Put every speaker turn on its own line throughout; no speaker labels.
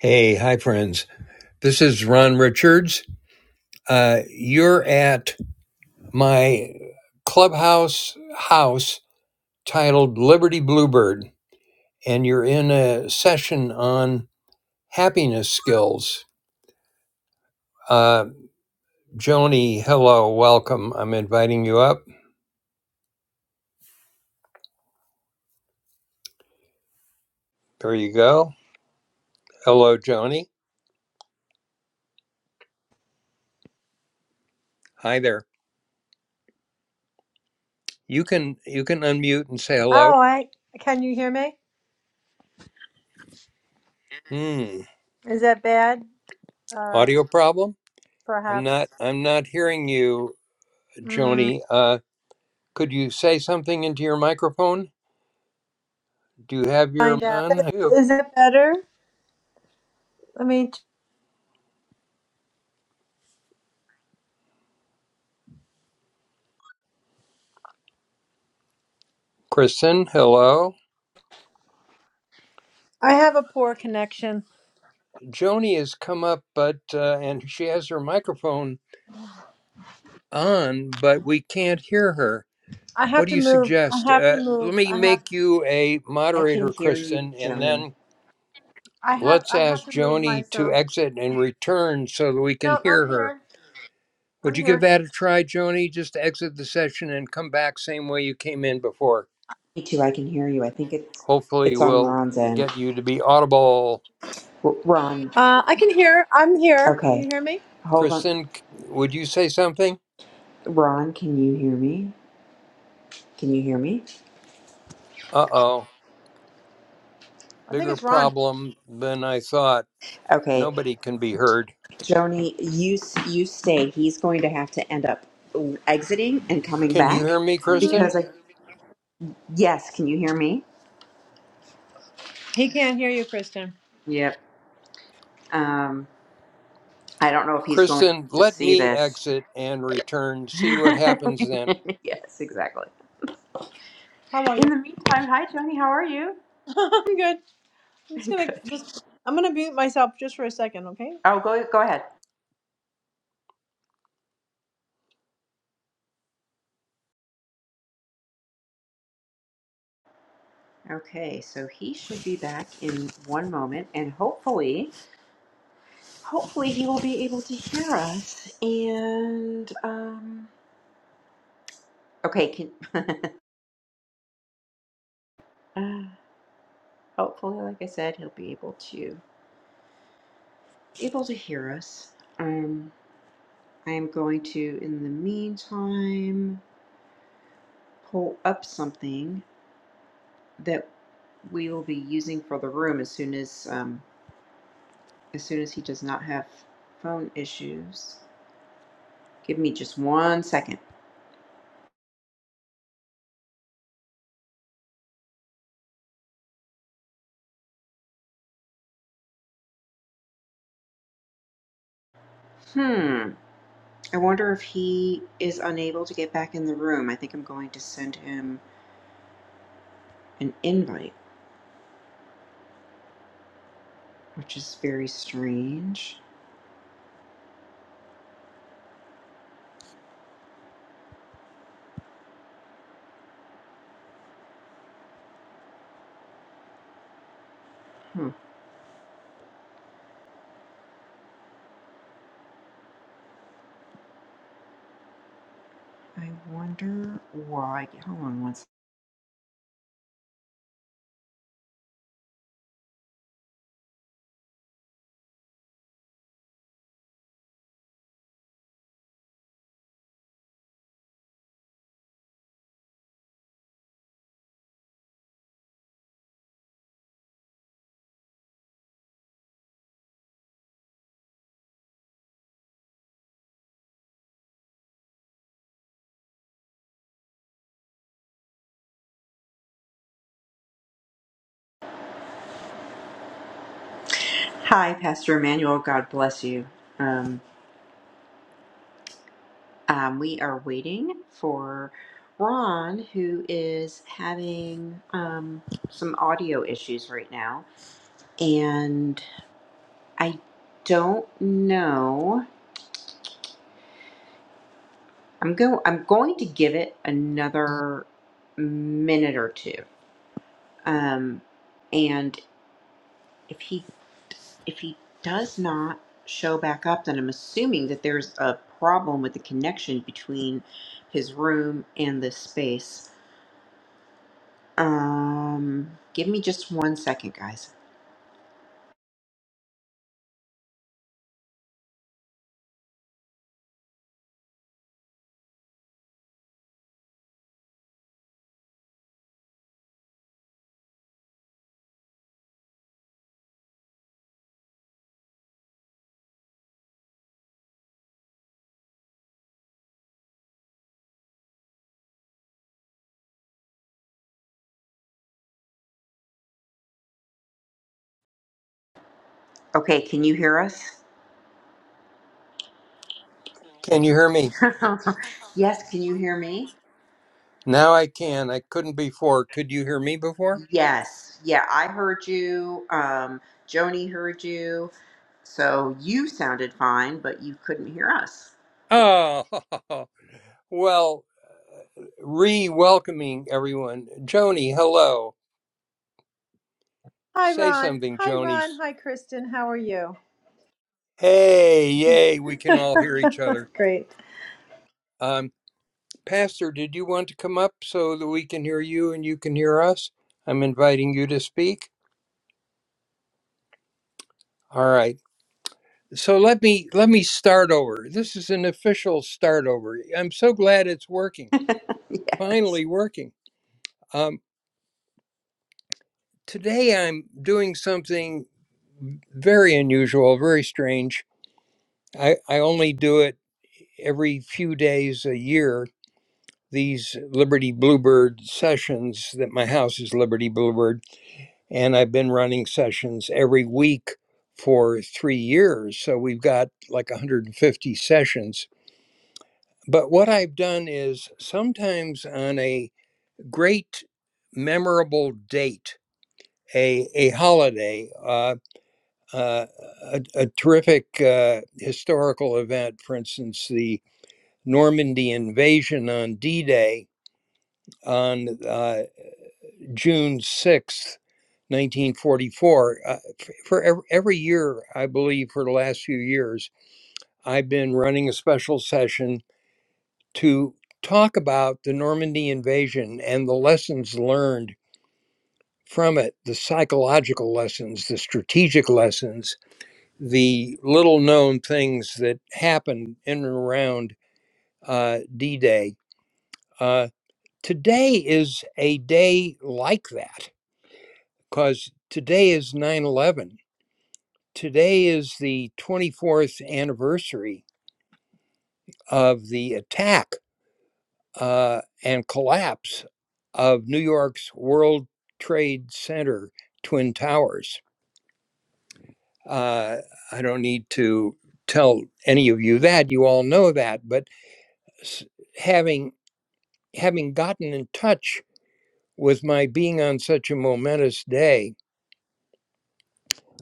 Hey, hi, friends. This is Ron Richards. Uh, you're at my clubhouse house titled Liberty Bluebird, and you're in a session on happiness skills. Uh, Joni, hello, welcome. I'm inviting you up. There you go. Hello, Joni. Hi there. You can you can unmute and say hello.
Oh, I can you hear me?
Hmm.
Is that bad? Uh,
Audio problem? I'm not
perhaps.
I'm not hearing you,
Mm,
Joni. Uh, Could you say something into your microphone? Do you have your
find out.
on? You,
Is that better? I mean,
Kristen. Hello.
I have a poor connection.
Joni has come up, but uh, and she has her microphone on, but we can't hear her.
I
What
have
do
to
you
move. I
suggest?
have to
Uh, let
move.
me
I have.
make you a
I can
moderator,
hear you,
Kristen, and
Joni.
then
I have.
let's
I have
ask
to move
Joni to
myself.
exit and return so that we can
No, I'm
hear her.
here.
Would
I'm
you give
here.
that a try, Joni? Just exit the session and come back same way you came in before.
Me too. I can hear you. I think it's
Hopefully,
it's on
we'll
Ron's end.
get you to be audible.
R- Ron.
Uh, I can hear. I'm here. Can you
Okay.
hear me?
Hold on.
Kristen, c- would you say something?
Ron, can you hear me? Can you hear me?
Uh oh,
I think
bigger
it's Ron.
problem than I thought.
Okay.
Nobody can be heard.
Joni, you s- you stay. He's going to have to end up exiting and coming
Can you
back
hear me,
hmm
Kristen?
because I yes, can you hear me?
He can't hear you, Kristen.
Yep. Um I don't know if he's going
Kristen,
to
let
see
me
this.
exit and return. See
yes,
what happens then.
exactly.
How are you?
In the meantime, hi Joni, how are you?
I'm good. I'm just gonna
Good.
just. I'm gonna mute myself just for a second, okay?
Oh, go go ahead. Okay, so he should be back in one moment, and hopefully, hopefully he will be able to hear us. And um, okay, can uh, hopefully, like I said, he'll be able to able to hear us. Um, I am going to, in the meantime, pull up something that we will be using for the room as soon as um, as soon as he does not have phone issues. Give me just one second. Hmm. I wonder if he is unable to get back in the room. I think I'm going to send him an invite, which is very strange. Hmm. I wonder why. Hold on one second. Hi, Pastor Emmanuel. God bless you. Um, um, we are waiting for Ron, who is having um, some audio issues right now. And I don't know I'm go I'm going to give it another minute or two. Um, and if he if he does not show back up, then I'm assuming that there's a problem with the connection between his room and this space. Um, give me just one second, guys. Okay, can you hear us?
Can you hear me?
yes, can you hear me?
Now I can. I couldn't before. Could you hear me before?
Yes. Yeah, I heard you. Um, Joni heard you. So you sounded fine, but you couldn't hear us.
Oh, well, re welcoming everyone. Joni, hello.
Hi,
Say
Ron.
something,
Hi,
Joni.
Ron. Hi, Kristen. How are you?
Hey, yay, we can all hear each other.
Great.
I'm Pastor, did you want to come up so that we can hear you and you can hear us? I'm inviting you to speak. All right. So let me let me start over. This is an official start over. I'm so glad it's working.
Yes.
Finally working. Um, today I'm doing something very unusual, very strange. I, I only do it every few days a year. These Liberty Bluebird sessions that my house is Liberty Bluebird and I've been running sessions every week for three years. So we've got like 150 sessions. But what I've done is sometimes on a great memorable date, a, a holiday, uh, uh, a, a terrific uh, historical event, for instance, the Normandy invasion on D Day on uh, June 6th, 1944. Uh, f- for every, every year, I believe, for the last few years, I've been running a special session to talk about the Normandy invasion and the lessons learned from it the psychological lessons, the strategic lessons, the little known things that happened in and around uh, D Day. Uh, today is a day like that because today is 9 11 Today is the 24th anniversary of the attack uh, and collapse of New York's World Trade Center Twin Towers. Uh, I don't need to tell any of you that you all know that, but having having gotten in touch with my being on such a momentous day,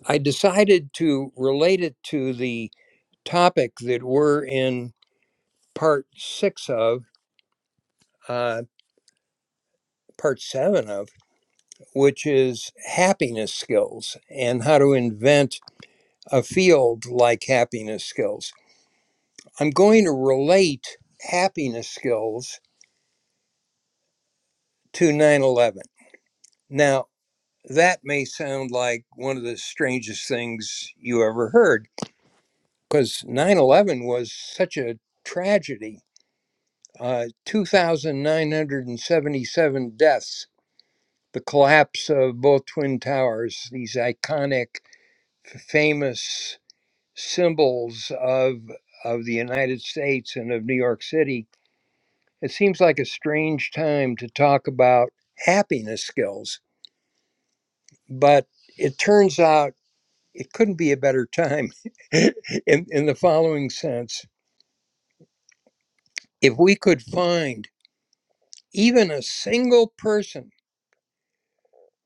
I decided to relate it to the topic that we're in part six of. uh, part seven of, which is happiness skills and how to invent a field like happiness skills. I'm going to relate happiness skills to 9 11. Now, that may sound like one of the strangest things you ever heard because 9 11 was such a tragedy. Uh, 2,977 deaths, the collapse of both Twin Towers, these iconic, famous symbols of of the United States and of New York City, it seems like a strange time to talk about happiness skills. But it turns out it couldn't be a better time in, in the following sense. If we could find even a single person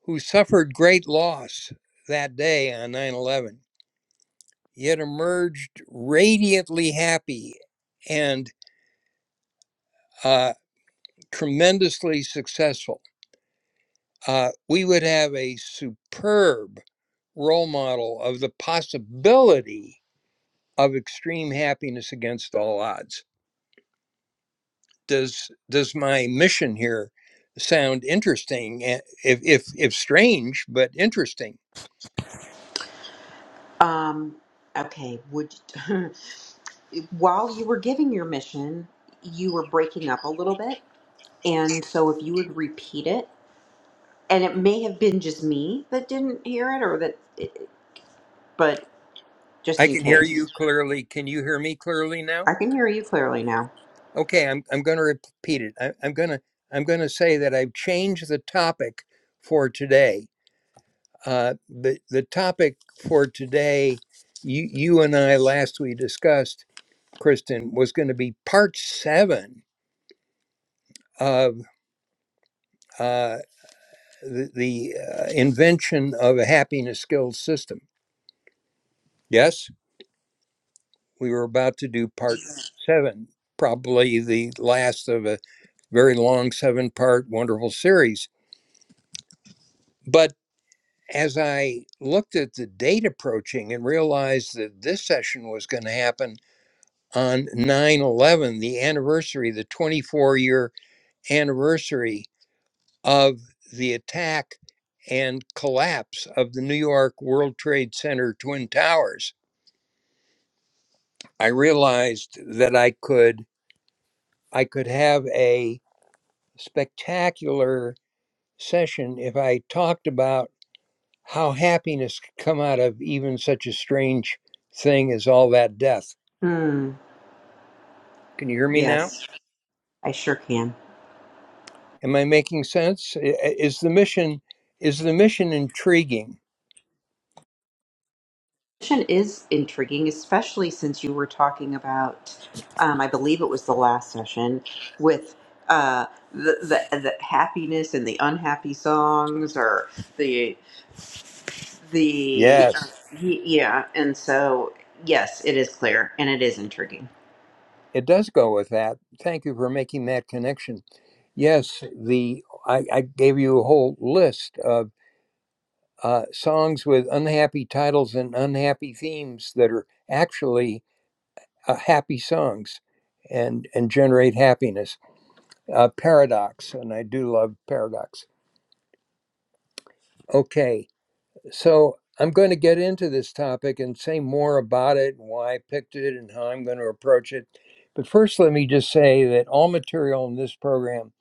who suffered great loss that day on 9 11, yet emerged radiantly happy and uh, tremendously successful uh, we would have a superb role model of the possibility of extreme happiness against all odds. Does does my mission here sound interesting? eh, If if if strange, but interesting.
Um, okay. Would while you were giving your mission, you were breaking up a little bit, and so if you would repeat it, and it may have been just me that didn't hear it, or that, but
I
just in
can hear
case,
you clearly. Can you hear me clearly now?
I can hear you clearly now.
Okay, I'm I'm going to repeat it. I, I'm going to I'm going to say that I've changed the topic for today Uh, the the topic for today, you you and I last we discussed, Kristen, was going to be part seven of uh, the, the uh, invention of a happiness skills system. Yes, we were about to do part seven, probably the last of a very long seven part wonderful series. But as I looked at the date approaching and realized that this session was going to happen on 9 11, the anniversary, the 24 year anniversary of the attack and collapse of the New York World Trade Center Twin Towers, I realized that I could I could have a spectacular session if I talked about how happiness could come out of even such a strange thing as all that death.
Hmm.
Can you hear me now?
Yes, I sure can.
Am I making sense? Is the mission is the mission intriguing?
question is intriguing, especially since you were talking about, um, I believe it was the last session, with uh, the, the the happiness and the unhappy songs, or the the uh,
Yes.
y- yeah. And so, yes, it is clear, and it is intriguing.
It does go with that. Thank you for making that connection. Yes, the I, I gave you a whole list of uh, songs with unhappy titles and unhappy themes that are actually uh, happy songs and and generate happiness. Uh, paradox, and I do love paradox. Okay, So I'm going to get into this topic and say more about it and why I picked it and how I'm going to approach it. But first, let me just say that all material in this program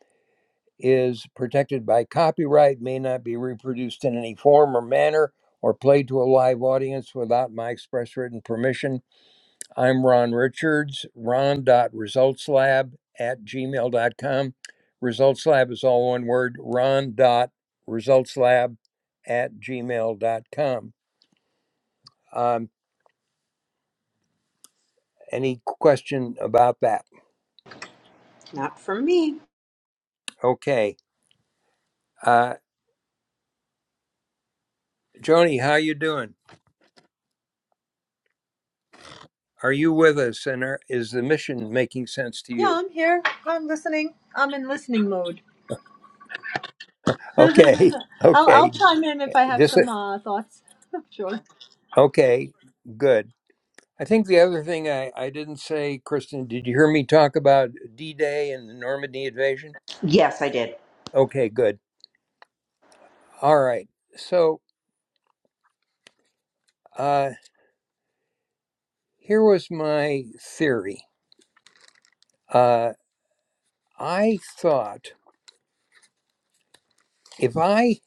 is protected by copyright, may not be reproduced in any form or manner, or played to a live audience without my express written permission. I'm Ron Richards, ron.resultslab at Gmail dot com. Results Lab is all one word, ron.resultslab at Gmail dot com. Um, any question about that?
Not for me.
Okay. Uh, Joni, how you doing? Are you with us? And are, is the mission making sense to
Yeah,
you?
I'm here. I'm listening. I'm in listening mode.
Okay.
I'll, I'll
Okay.
chime in if I have
Just
some uh, thoughts. Sure.
okay. Good. I think the other thing I, I didn't say, Kristen, did you hear me talk about D Day and the Normandy invasion?
Yes, I did.
Okay, good. All right. So uh, here was my theory. Uh, I thought if I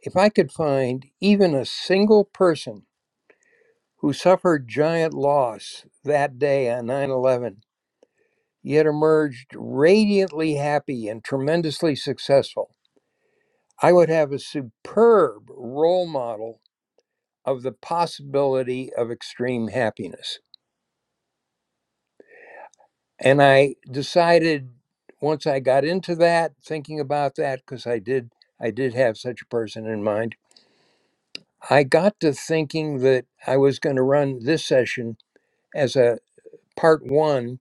If I could find even a single person who suffered giant loss that day on 9 11, yet emerged radiantly happy and tremendously successful, I would have a superb role model of the possibility of extreme happiness. And I decided once I got into that, thinking about that, because I did. I did have such a person in mind. I got to thinking that I was going to run this session as a part one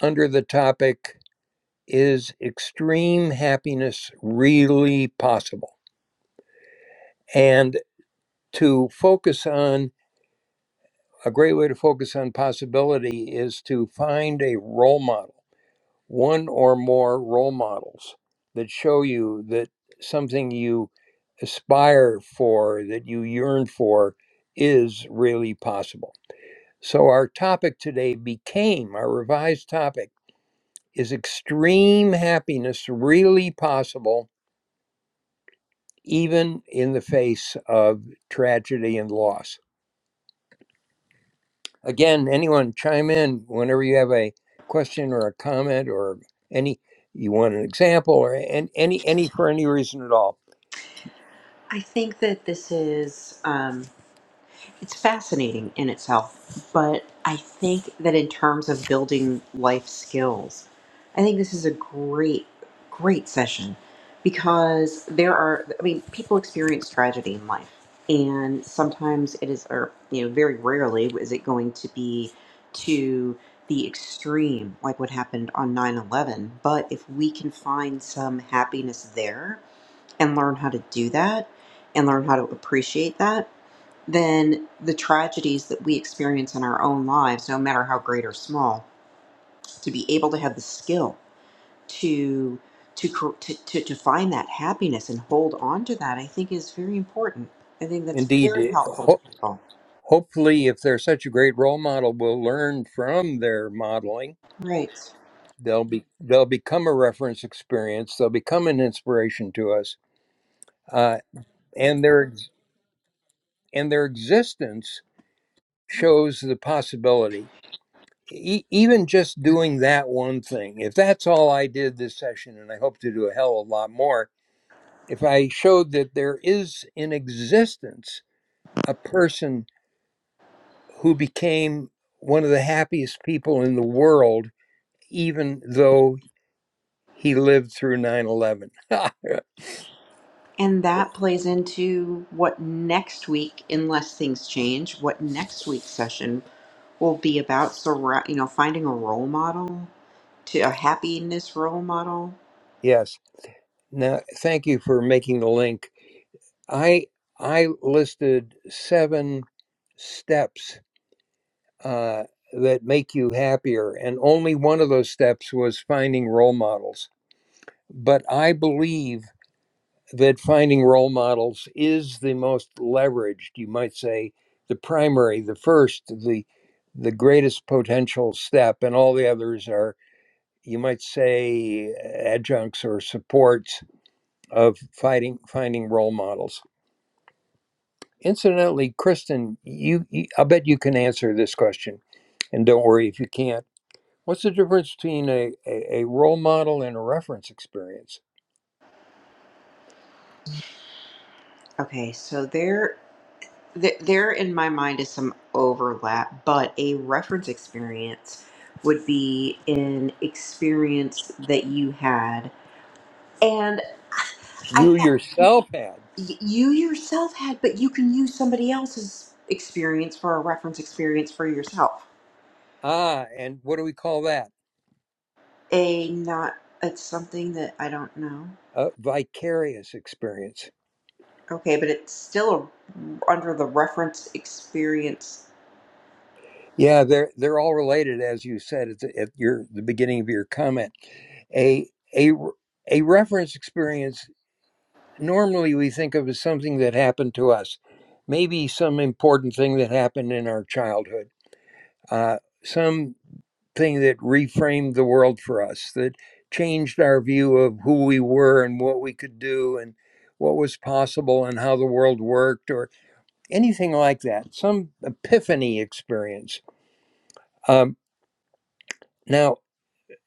under the topic Is Extreme Happiness Really Possible? And to focus on a great way to focus on possibility is to find a role model, one or more role models that show you that something you aspire for, that you yearn for, is really possible. So, our topic today became our revised topic Is extreme happiness really possible, even in the face of tragedy and loss? Again, anyone chime in whenever you have a question or a comment or any you want an example or any any, any for any reason at all.
I think that this is. Um, it's fascinating in itself, but I think that in terms of building life skills, I think this is a great, great session because there are, I mean, people experience tragedy in life. And sometimes it is, or, you know, very rarely is it going to be to the extreme, like what happened on 9 11. But if we can find some happiness there and learn how to do that and learn how to appreciate that, then the tragedies that we experience in our own lives, no matter how great or small, to be able to have the skill to to cor- to, to, to find that happiness and hold on to that, I think is very important. I think that's
Indeed,
very
it-
helpful to
ho-
people.
hopefully, if they're such a great role model, we'll learn from their modeling.
Right.
They'll be they'll become a reference experience. They'll become an inspiration to us, uh, and their ex- and their existence shows the possibility. E- even just doing that one thing, if that's all I did this session, and I hope to do a hell of a lot more, if I showed that there is in existence a person who became one of the happiest people in the world, even though he lived through nine eleven.
And that plays into what next week, unless things change, what next week's session will be about. So, ra- you know, finding a role model to a happiness role model.
yes. Now, thank you for making the link. I I listed seven steps uh, that make you happier. And only one of those steps was finding role models. But I believe that finding role models is the most leveraged, you might say, the primary, the first, the the greatest potential step, and all the others are, you might say, adjuncts or supports of fighting finding role models. Incidentally, Kristen, you, you I'll bet you can answer this question, and don't worry if you can't What's the difference between a, a, a role model and a reference experience?
Okay, so there. th- there in my mind is some overlap, but a reference experience would be an experience that you had and I
You
thought
yourself had.
y- you yourself had, but you can use somebody else's experience for a reference experience for yourself.
Ah, and what do we call that?
A not, it's something that I don't know.
A vicarious experience.
Okay, but it's still a, under the reference experience.
Yeah, they're they're all related, as you said at, the, at your the beginning of your comment. A a a reference experience. Normally, we think of as something that happened to us, maybe some important thing that happened in our childhood. Uh, some thing that reframed the world for us, that changed our view of who we were and what we could do and what was possible and how the world worked or anything like that, some epiphany experience. Um, now,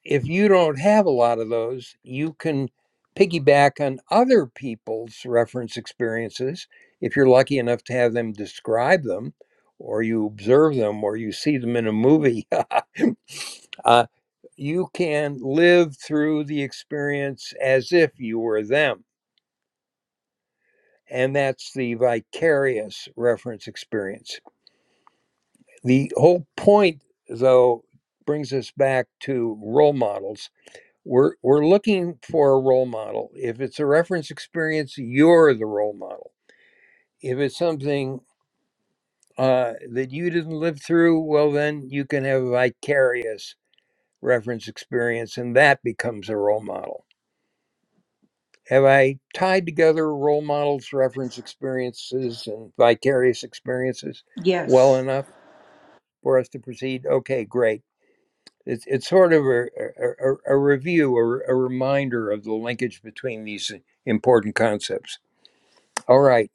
if you don't have a lot of those, you can piggyback on other people's reference experiences if you're lucky enough to have them describe them or you observe them or you see them in a movie. uh, you can live through the experience as if you were them. And that's the vicarious reference experience. The whole point, though, brings us back to role models We're we're looking for a role model. If it's a reference experience, you're the role model. If it's something uh, that you didn't live through, well, then you can have a vicarious reference experience, and that becomes a role model. Have I tied together role models, reference experiences, and vicarious experiences well
Yes.
enough for us to proceed? Okay, great it's it's sort of a, a, a a review or a reminder of the linkage between these important concepts. All right.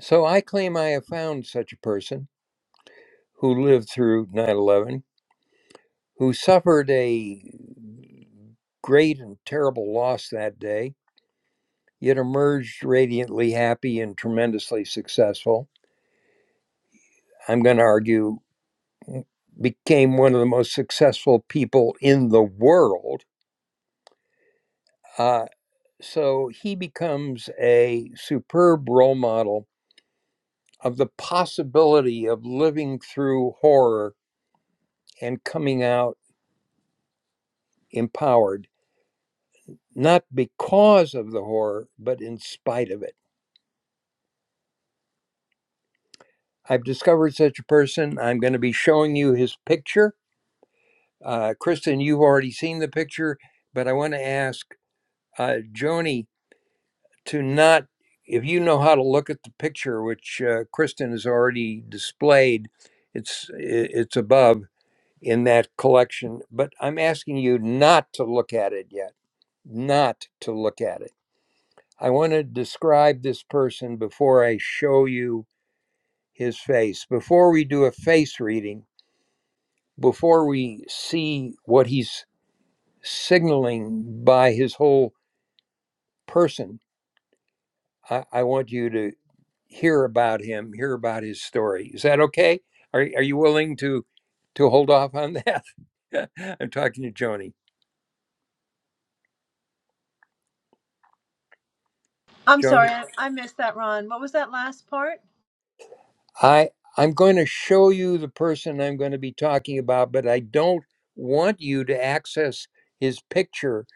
So I claim I have found such a person who lived through 9 11, who suffered a great and terrible loss that day, yet emerged radiantly happy and tremendously successful. I'm going to argue, mm, became one of the most successful people in the world. Uh, so he becomes a superb role model of the possibility of living through horror and coming out. empowered, not because of the horror, but in spite of it. I've discovered such a person. I'm going to be showing you his picture. Uh, Kristen, you've already seen the picture, but I want to ask uh, Joni to not, if you know how to look at the picture, which uh, Kristen has already displayed, it's, it's above in that collection, but I'm asking you not to look at it yet, not to look at it I want to describe this person before I show you his face. Before we do a face reading, before we see what he's signaling by his whole person, I, I want you to hear about him, hear about his story. Is that okay? Are, are you willing to to hold off on that? I'm talking to Joni.
I'm
Joni?
sorry. I, I missed that, Ron. What was that last part?
I I'm going to show you the person I'm going to be talking about, but I don't want you to access his picture,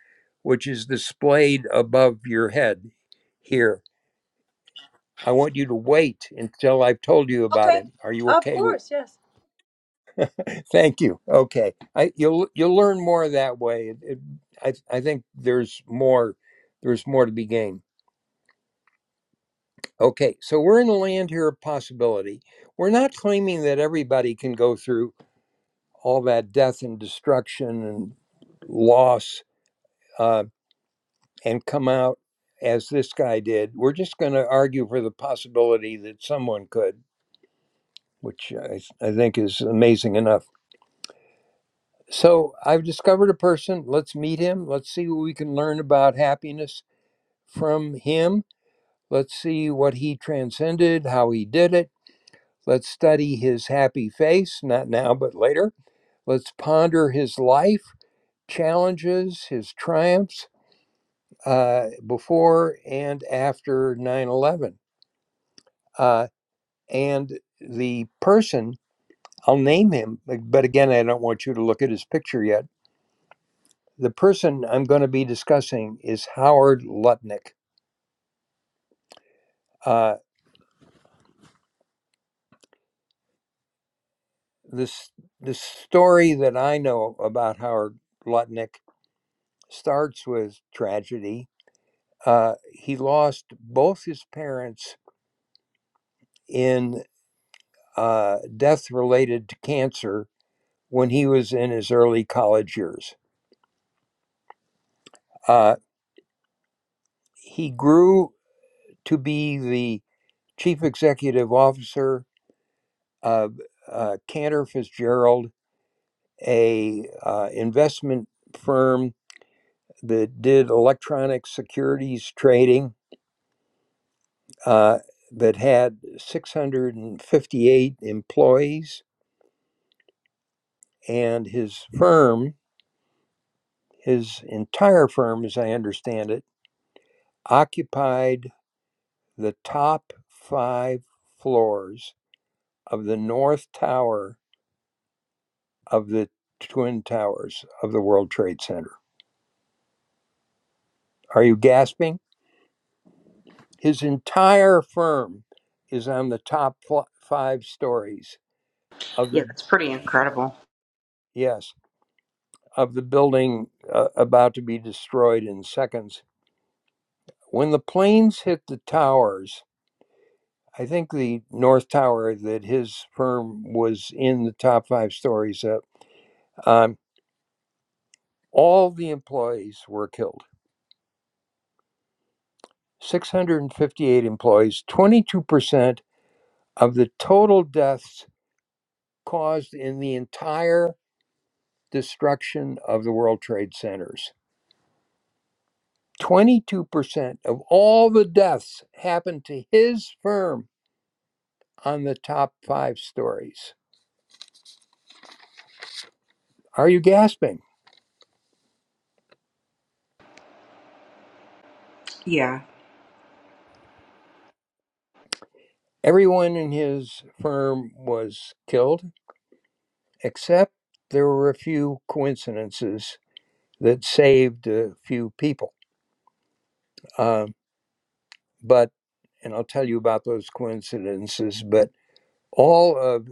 which is displayed above your head here. I want you to wait until I've told you about
Okay.
him. Are you
Of
okay with?
course. Yes.
Thank you. Okay, I, you'll you'll learn more that way. It, it, I I think there's more there's more to be gained. Okay, so we're in the land here of possibility. We're not claiming that everybody can go through all that death and destruction and loss uh, and come out as this guy did. We're just going to argue for the possibility that someone could, which I, I think is amazing enough. So I've discovered a person. Let's meet him. Let's see what we can learn about happiness from him. Let's see what he transcended, how he did it. Let's study his happy face, not now, but later. Let's ponder his life, challenges, his triumphs uh, before and after 9 11, Uh, and the person, I'll name him, uh, but again, I don't want you to look at his picture yet. The person I'm going to be discussing is Howard Lutnick. Uh, this, the story that I know about Howard Lutnick starts with tragedy. Uh, he lost both his parents in uh, death related to cancer when he was in his early college years Uh, he grew to be the chief executive officer of uh, Cantor Fitzgerald, a uh, investment firm that did electronic securities trading uh, that had 658 employees, and his firm, his entire firm, as I understand it, occupied the top five floors of the North Tower of the twin towers of the World Trade Center. Are you gasping? His entire firm is on the top five stories of
Yeah,
the
that's pretty incredible.
yes of the building uh, about to be destroyed in seconds. When the planes hit the towers, I think the North Tower that his firm was in the top five stories of, um, all the employees were killed. 658 employees, 22% of the total deaths caused in the entire destruction of the World Trade Centers. 22% of all the deaths happened to his firm on the top five stories. Are you gasping?
Yeah.
Everyone in his firm was killed, except there were a few coincidences that saved a few people. Uh, but, and I'll tell you about those coincidences, but all of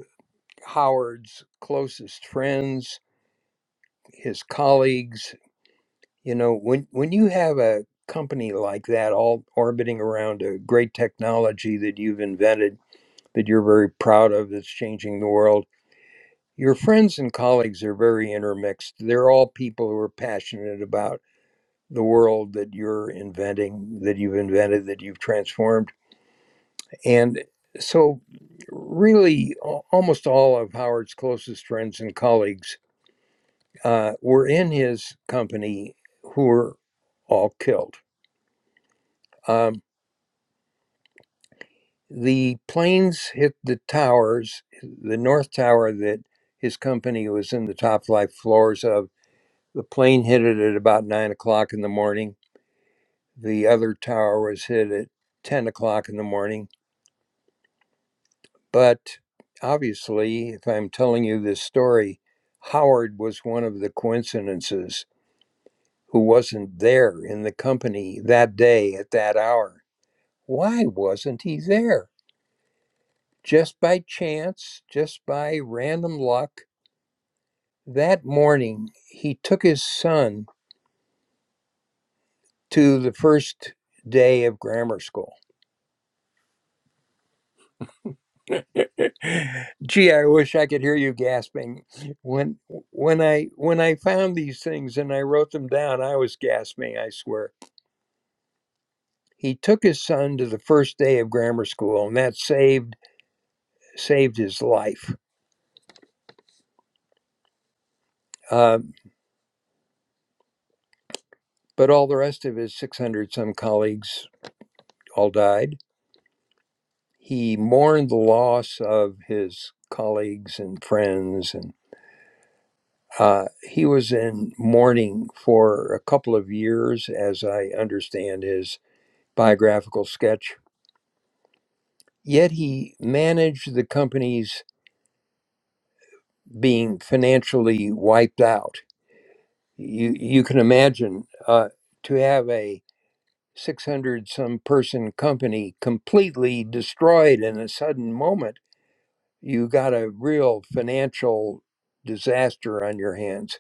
Howard's closest friends his colleagues. You know, when when you have a company like that all orbiting around a great technology that you've invented that you're very proud of that's changing the world, your friends and colleagues are very intermixed. They're all people who are passionate about the world that you're inventing, that you've invented, that you've transformed. And so really almost all of Howard's closest friends and colleagues uh, were in his company who were all killed. Um, the planes hit the towers, the North Tower that his company was in the top flight floors of. The plane hit it at about nine o'clock in the morning. The other tower was hit at 10 o'clock in the morning. But obviously, if I'm telling you this story, Howard was one of the coincidences who wasn't there in the company that day at that hour Why wasn't he there? Just by chance, just by random luck, that morning he took his son to the first day of grammar school. Gee, I wish I could hear you gasping. When when I when I found these things and I wrote them down, I was gasping, I swear. He took his son to the first day of grammar school, and that saved saved his life. Um, but all the rest of his 600 some colleagues all died He mourned the loss of his colleagues and friends, and uh, he was in mourning for a couple of years, as I understand his biographical sketch. Yet he managed the companies being financially wiped out. You you can imagine uh, to have a 600 some person company completely destroyed in a sudden moment you got a real financial disaster on your hands.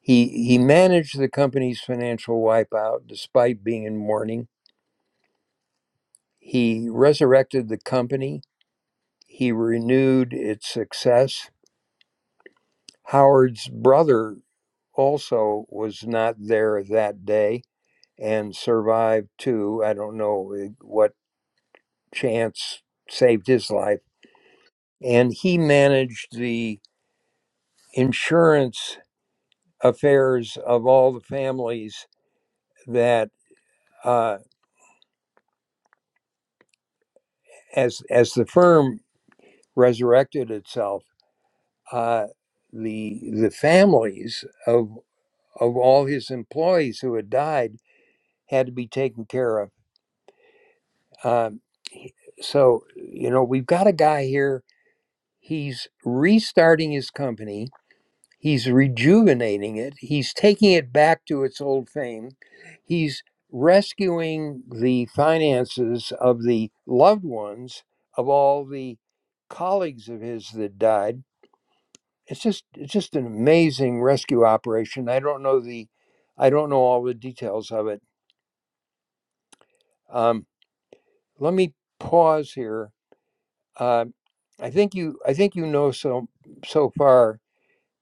He he managed the company's financial wipeout despite being in mourning. He resurrected the company. He renewed its success. Howard's brother also was not there that day and survived too. I don't know eh, what chance saved his life. And he managed the insurance affairs of all the families that uh, as as the firm resurrected itself, uh, the the families of of all his employees who had died had to be taken care of. Um, he- so you know we've got a guy here. He's restarting his company He's rejuvenating it. He's taking it back to its old fame. He's rescuing the finances of the loved ones of all the colleagues of his that died. It's just it's just an amazing rescue operation. I don't know the I don't know all the details of it. Um, let me pause here. Uh, I think you I think you know so so far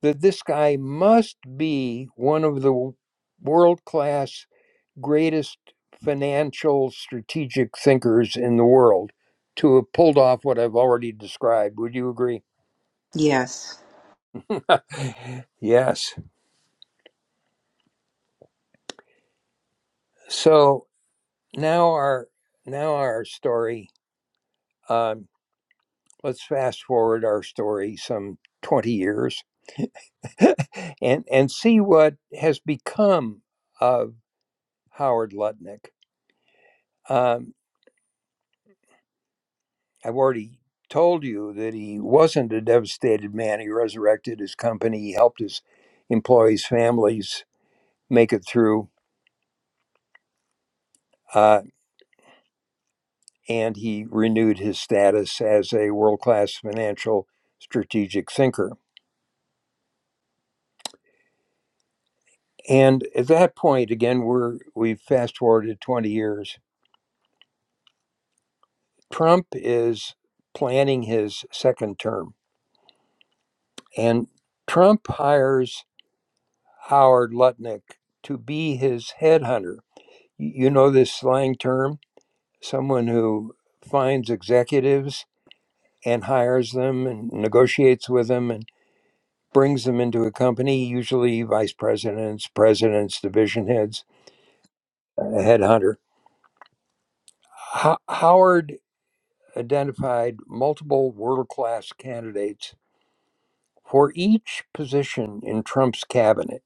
that this guy must be one of the world class greatest financial strategic thinkers in the world to have pulled off what I've already described. Would you agree?
Yes.
Yes. So now our now our story. Um, let's fast forward our story some twenty years, and and see what has become of Howard Lutnick. Um, I've already told you that he wasn't a devastated man. He resurrected his company, he helped his employees' families make it through, uh, and he renewed his status as a world class financial strategic thinker. And at that point, again, we're we've fast forwarded 20 years. Trump is planning his second term, and Trump hires Howard Lutnick to be his headhunter. You you know this slang term? someone who finds executives and hires them and negotiates with them and brings them into a company, usually vice presidents, presidents, division heads, a headhunter. Ho- Howard identified multiple world class candidates for each position in Trump's cabinet.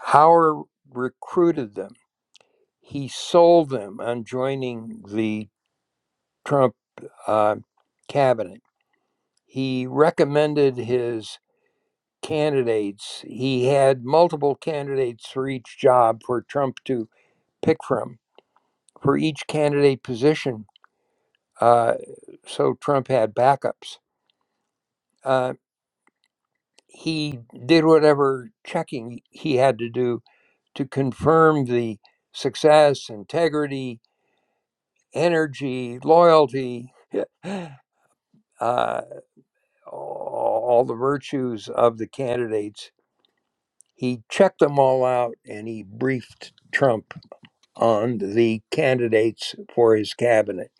Howard recruited them, he sold them on joining the Trump uh, cabinet. He recommended his candidates. He had multiple candidates for each job for Trump to pick from for each candidate position. Uh, so Trump had backups. Uh, he did whatever checking he had to do to confirm the success, integrity, energy, loyalty, uh, all the virtues of the candidates. He checked them all out and he briefed Trump on the candidates for his cabinet.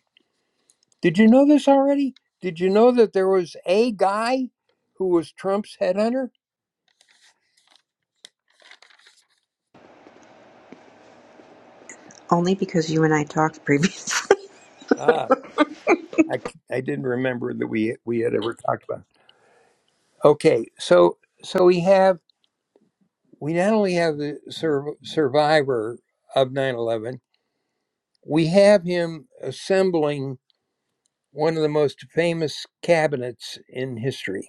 Did you know this already? Did you know that there was a guy who was Trump's headhunter?
Only because you and I talked previously.
Ah, I I c- I didn't remember that we we had ever talked about. it. Okay, so so we have we not only have the sur- survivor of nine eleven, we have him assembling one of the most famous cabinets in history.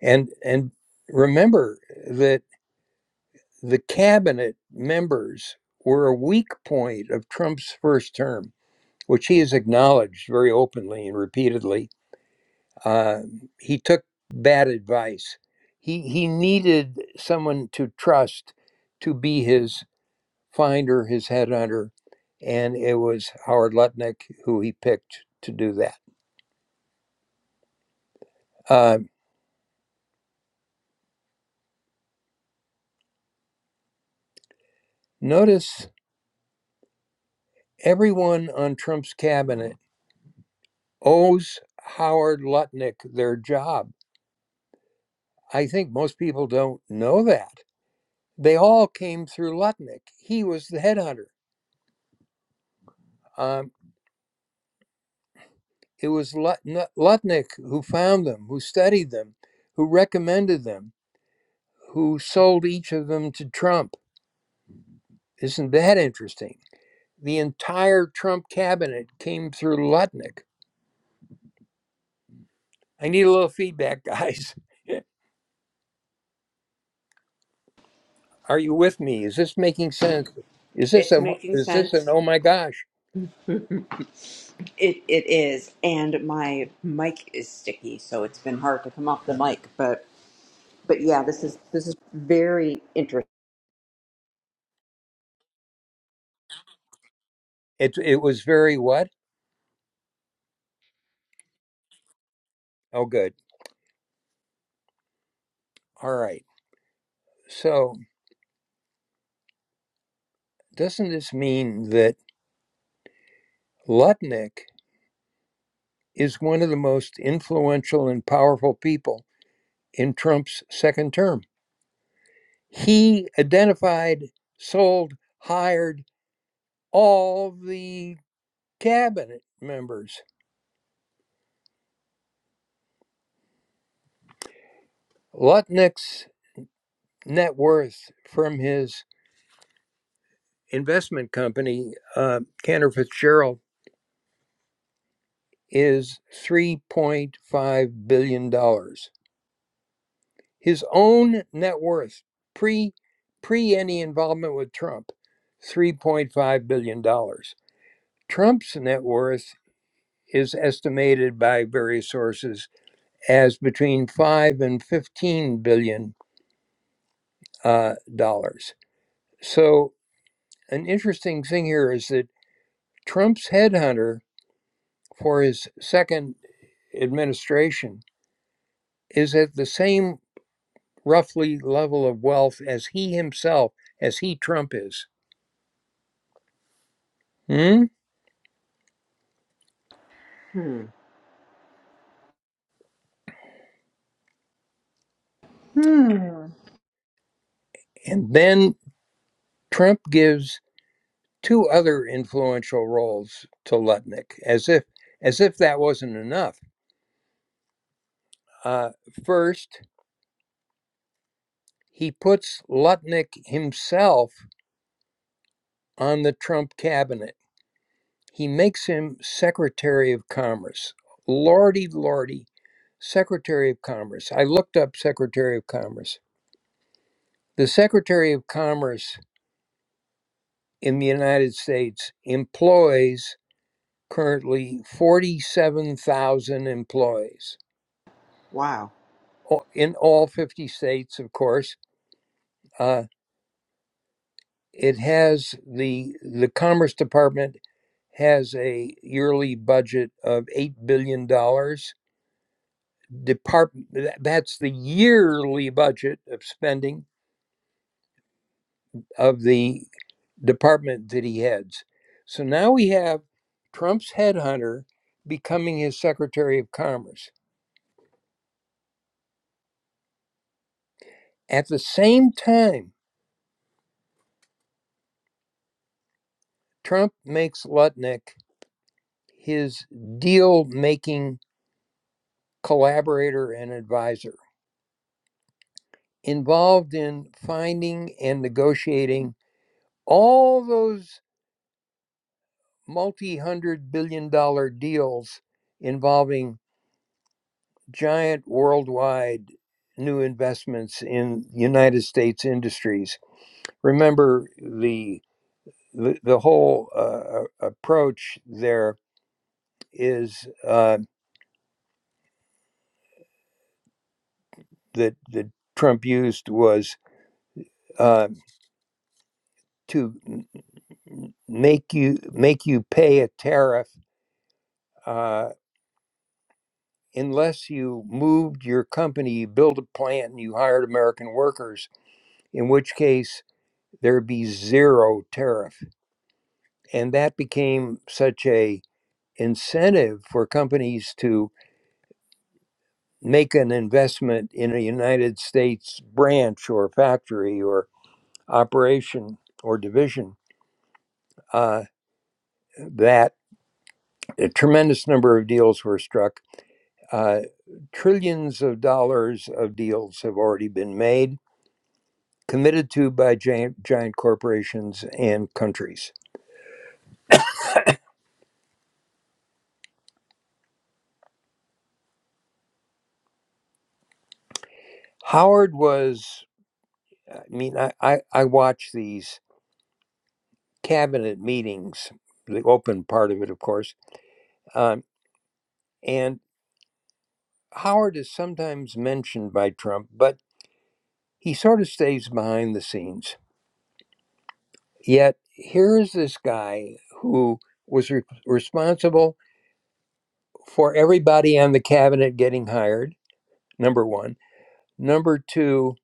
And and remember that. the cabinet members were a weak point of Trump's first term, which he has acknowledged very openly and repeatedly. Uh, he took bad advice. He, he needed someone to trust to be his finder, his headhunter, and it was Howard Lutnick who he picked to do that. Uh, notice everyone on Trump's cabinet owes Howard Lutnick their job I think most people don't know that. They all came through Lutnick. He was the headhunter. Um, it was Lutnick who found them, who studied them, who recommended them, who sold each of them to Trump. Isn't that interesting? The entire Trump cabinet came through Lutnick. I need a little feedback, guys. Are you with me? Is this making sense? Is this
It's
a
making
is this an
sense.
oh my gosh?
It it is, and my mic is sticky, so it's been hard to come off the mic. But but yeah, this is this is very interesting.
It it was very what? Oh good. All right. So Doesn't this mean that Lutnick is one of the most influential and powerful people in Trump's second term? He identified, sold, hired all the cabinet members. Lutnick's net worth from his investment company, uh, Cantor Fitzgerald, is $3.5 billion. dollars. His own net worth pre pre any involvement with Trump, three point five billion dollars. Trump's net worth is estimated by various sources as between five and fifteen billion dollars. uh, dollars. So an interesting thing here is that Trump's headhunter for his second administration is at the same roughly level of wealth as he himself, as he Trump is. Hmm?
Hmm.
Hmm.
And then Trump gives two other influential roles to Lutnick, as if as if that wasn't enough. Uh, first, he puts Lutnick himself on the Trump cabinet. He makes him Secretary of Commerce. Lordy, lordy, Secretary of Commerce. I looked up Secretary of Commerce. The Secretary of Commerce in the United States employs currently 47,000 employees.
Wow.
in all 50 states, of course. Uh, it has the the Commerce Department has a yearly budget of eight billion dollars. Department that's the yearly budget of spending of the department that he heads. So now we have Trump's headhunter becoming his Secretary of Commerce. At the same time, Trump makes Lutnick his deal making collaborator, and advisor, involved in finding and negotiating all those multi hundred billion dollar deals involving giant worldwide new investments in United States industries. Remember the the, the whole uh, approach there is uh, that that Trump used was uh, to make you make you pay a tariff uh, unless you moved your company, you built a plant, and you hired American workers, in which case there'd be zero tariff. And that became such a incentive for companies to make an investment in a United States branch or factory or operation or division uh, that a tremendous number of deals were struck. Uh, trillions of dollars of deals have already been made committed to by giant, giant corporations and countries. Howard was, I mean, I, I, I watched these cabinet meetings, the open part of it, of course, um, and Howard is sometimes mentioned by Trump, but he sort of stays behind the scenes. Yet here is this guy who was re- responsible for everybody on the cabinet getting hired, number one. Number two,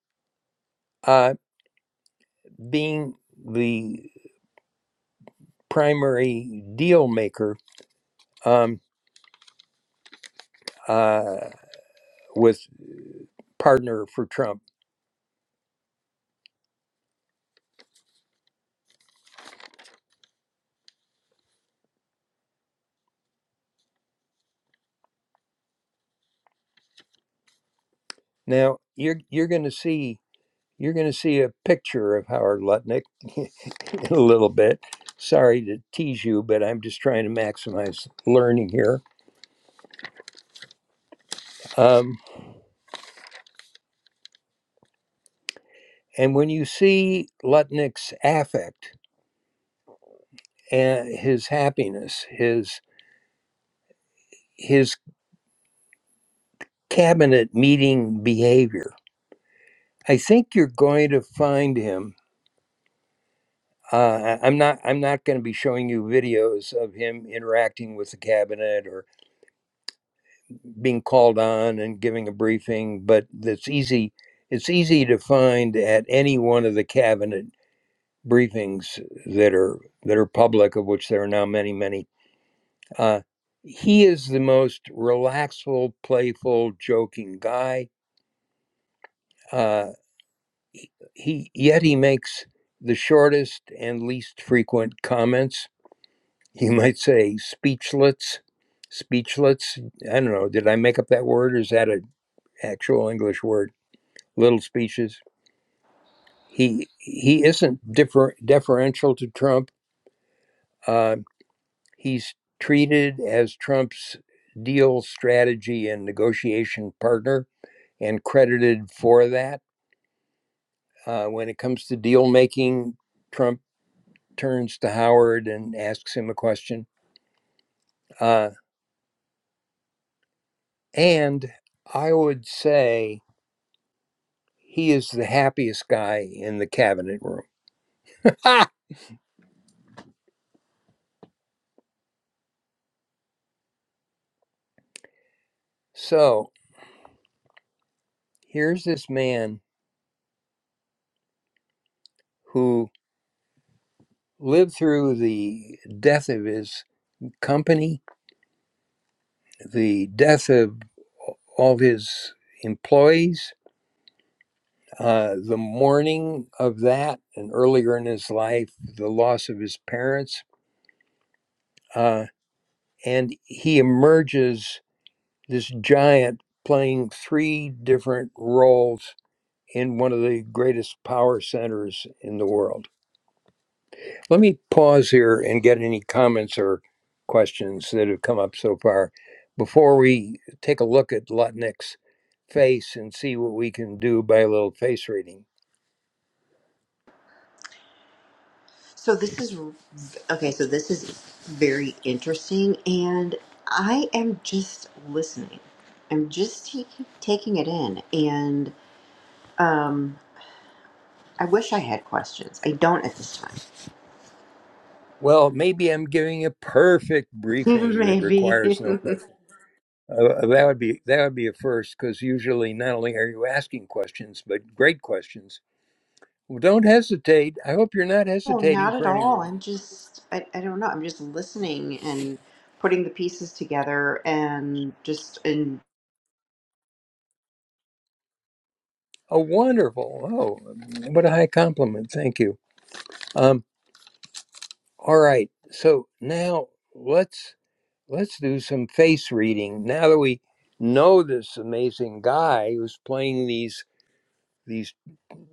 uh, being the primary deal maker um, uh, with partner for Trump. Now you're you're going to see you're going to see a picture of Howard Lutnick in a little bit. Sorry to tease you, but I'm just trying to maximize learning here. Um, and when you see Lutnick's affect and his happiness, his his cabinet meeting behavior, I think you're going to find him Uh, I- I'm not. I'm not going to be showing you videos of him interacting with the cabinet or being called on and giving a briefing. But that's easy. It's easy to find at any one of the cabinet briefings that are that are public, of which there are now many, many. Uh, he is the most relaxful, playful, joking guy. Uh, he yet he makes the shortest and least frequent comments you might say speechlets speechlets i don't know did i make up that word or is that an actual english word little speeches he he isn't differ, deferential to trump uh, he's treated as trump's deal strategy and negotiation partner and credited for that uh, when it comes to deal making trump turns to howard and asks him a question uh, and i would say He is the happiest guy in the cabinet room. Ha! So here's this man who lived through the death of his company, the death of all his employees, uh, the mourning of that, and earlier in his life, the loss of his parents. Uh, and he emerges this giant playing three different roles in one of the greatest power centers in the world. Let me pause here and get any comments or questions that have come up so far before we take a look at Lutnick's face and see what we can do by a little face reading.
So this is okay. So this is very interesting, and I am just listening. I'm just taking taking it in, and um, I wish I had questions. I don't at this time.
Well, maybe I'm giving a perfect briefing that requires
Maybe.
no question. Uh, uh, that would be that would be a first because usually not only are you asking questions but great questions. Well, don't hesitate. I hope you're not
Oh,
hesitating
not at
for any
all.
reason.
I'm just, I, I don't know. I'm just listening and putting the pieces together and just, and
Oh, wonderful! Oh, what a high compliment. Thank you. Um, All right. So now let's let's do some face reading. Now that we know this amazing guy who's playing these these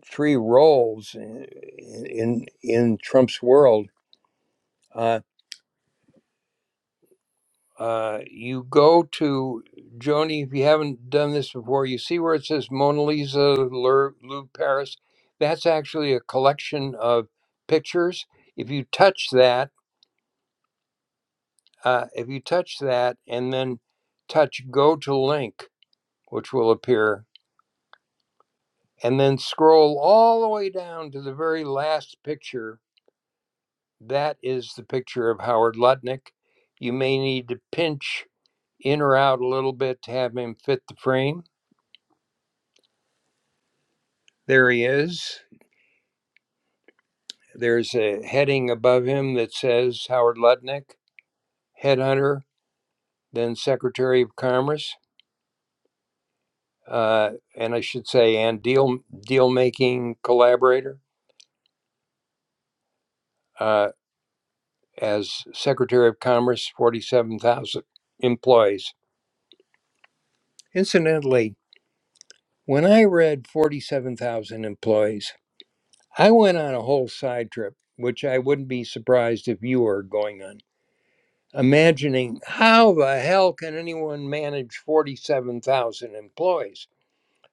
three roles in in, in Trump's world, uh, uh, you go to Joni. If you haven't done this before, you see where it says Mona Lisa, Lou Louvre, Paris. That's actually a collection of pictures. If you touch that Uh, if you touch that and then touch go to link, which will appear, and then scroll all the way down to the very last picture, that is the picture of Howard Lutnick. You may need to pinch in or out a little bit to have him fit the frame. There he is. There's a heading above him that says Howard Lutnick, headhunter, then Secretary of Commerce, uh, and I should say, and deal deal making collaborator. Uh, as Secretary of Commerce, 47,000 employees. Incidentally, when I read 47,000 employees, I went on a whole side trip, which I wouldn't be surprised if you are going on, imagining how the hell can anyone manage 47,000 employees?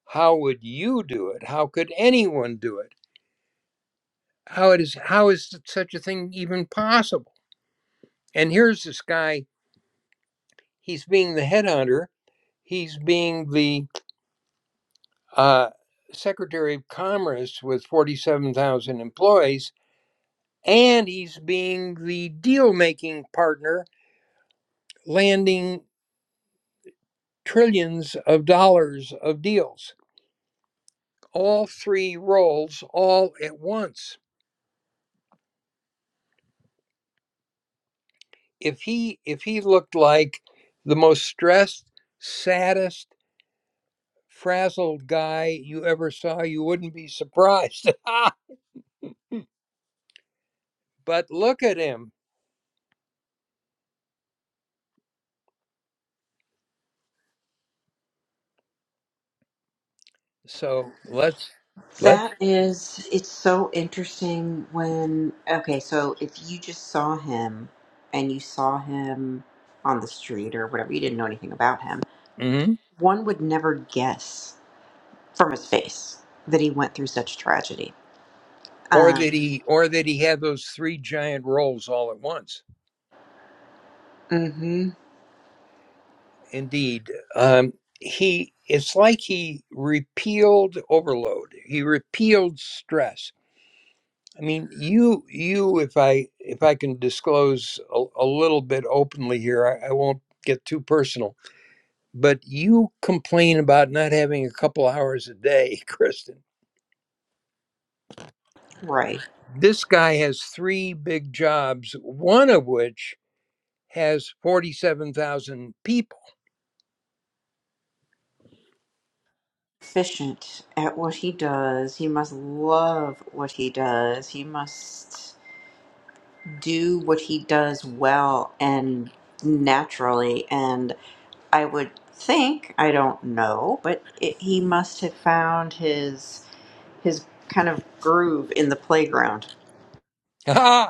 How would you do it? How could anyone do it? How it is how is such a thing even possible? And here's this guy, he's being the headhunter, he's being the uh, Secretary of Commerce with 47,000 employees, and he's being the deal making partner, landing trillions of dollars of deals. All three roles all at once. If he if he looked like the most stressed, saddest, frazzled guy you ever saw, you wouldn't be surprised. but look at him. So let's let's.
that is, it's so interesting when, okay, so if you just saw him and you saw him on the street or whatever, you didn't know anything about him,
mhm.
one would never guess from his face that he went through such tragedy.
or
Um,
that he or that he had those three giant roles all at once.
mm-hmm,
Indeed, um, he it's like he repealed overload. He repealed stress. I mean, you you if I if I can disclose a, a little bit openly here, I, I won't get too personal. But you complain about not having a couple hours a day, Kristen.
right.
This guy has three big jobs, one of which has forty-seven thousand people.
efficient at what he does. He must love what he does. He must do what he does well and naturally. And I would think, I don't know, but it, he must have found his his kind of groove in the playground.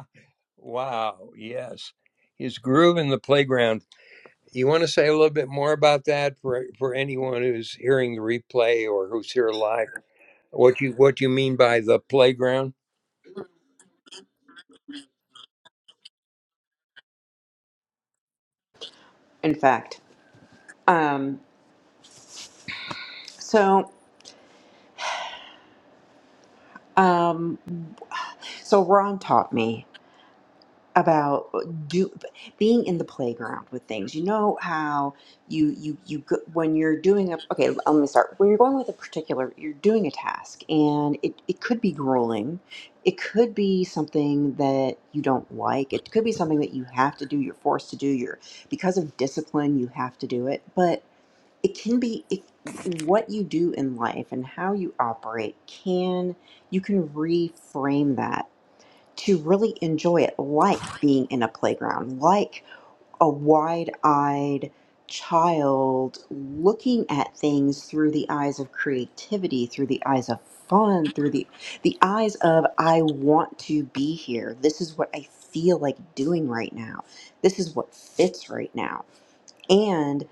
Wow, yes. His groove in the playground. You want to say a little bit more about that for for anyone who's hearing the replay or who's here live? What you what you mean by the playground?
In fact, um, so um, so Ron taught me. about uh, do being in the playground with things. You know how you you you go, when you're doing a okay. Let me start. When you're going with a particular, you're doing a task, and it it could be grueling. It could be something that you don't like. It could be something that you have to do. You're forced to do. You're because of discipline, you have to do it. But it can be it, what you do in life and how you operate can you can reframe that to really enjoy it like being in a playground, like a wide eyed child looking at things through the eyes of creativity, through the eyes of fun, through the, the eyes of, I want to be here. This is what I feel like doing right now. This is what fits right now. And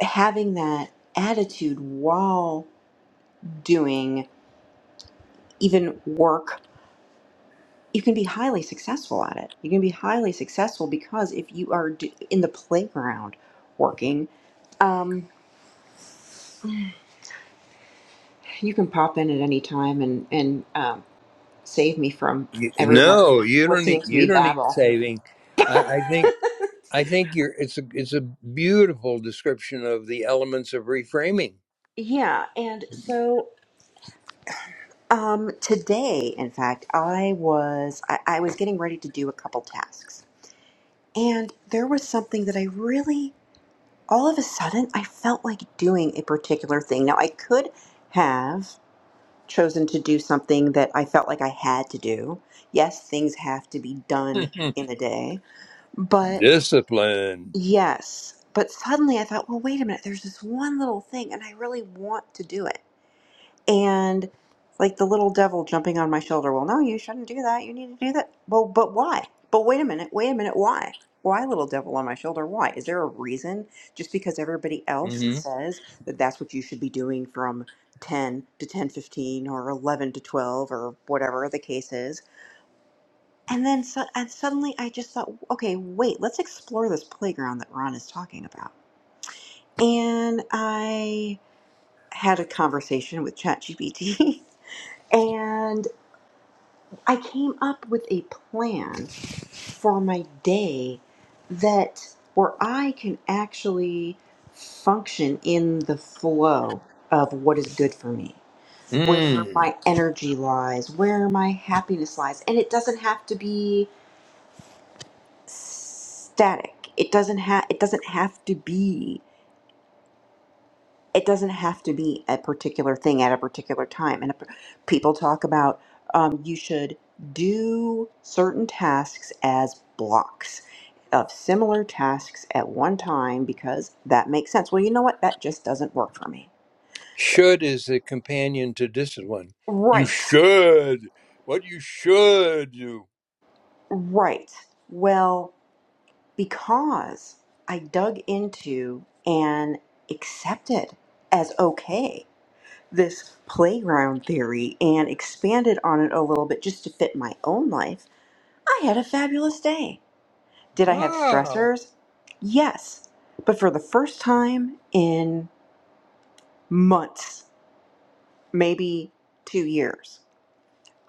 having that attitude while doing even work you can be highly successful at it. You can be highly successful because if you are d- in the playground working, um, you can pop in at any time and and um, save me from
You,
everyone
no, you don't need
listening to
you
me
don't need
babble.
saving. I, I think I think you're it's a it's a beautiful description of the elements of reframing.
Yeah, and so um, today, in fact, I was I, I was getting ready to do a couple tasks, and there was something that I really all of a sudden I felt like doing a particular thing. Now I could have. chosen to do something that I felt like I had to do. Yes, things have to be done in a day, but
Discipline.
yes. But suddenly I thought, well, wait a minute, there's this one little thing and I really want to do it and like the little devil jumping on my shoulder. Well, no, you shouldn't do that. You need to do that. Well, but why? But wait a minute. Wait a minute. Why? Why, little devil on my shoulder? Why? Is there a reason? Just because everybody else says that that's what you should be doing from 10 to 10 15 or 11 to 12 or whatever the case is. And then su- and suddenly I just thought, okay, wait, let's explore this playground that Ron is talking about. And I had a conversation with ChatGPT. and I came up with a plan for my day that where I can actually function in the flow of what is good for me,
hmm
where my energy lies, where my happiness lies, and it doesn't have to be static. It doesn't have it doesn't have to be it doesn't have to be a particular thing at a particular time. And a, people talk about um, you should do certain tasks as blocks of similar tasks at one time because that makes sense. Well, you know what? That just doesn't work for me.
Should is the companion to discipline. You
Right,
should. What you should do.
right. Well, because I dug into and accepted as okay. this playground theory and expanded on it a little bit just to fit my own life, I had a fabulous day. Did I have
Wow.
stressors? Yes. But for the first time in months, maybe two years,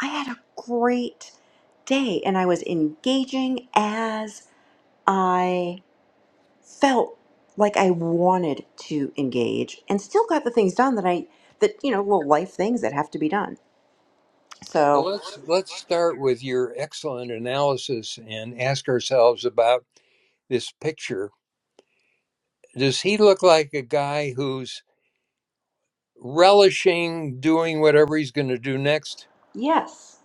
I had a great day and I was engaging as I felt like I wanted to engage and still got the things done that I, that, you know, little life things that have to be done.
Well,
So,
let's let's start with your excellent analysis and ask ourselves about this picture. Does he look like a guy who's relishing doing whatever he's going to do next?
yes.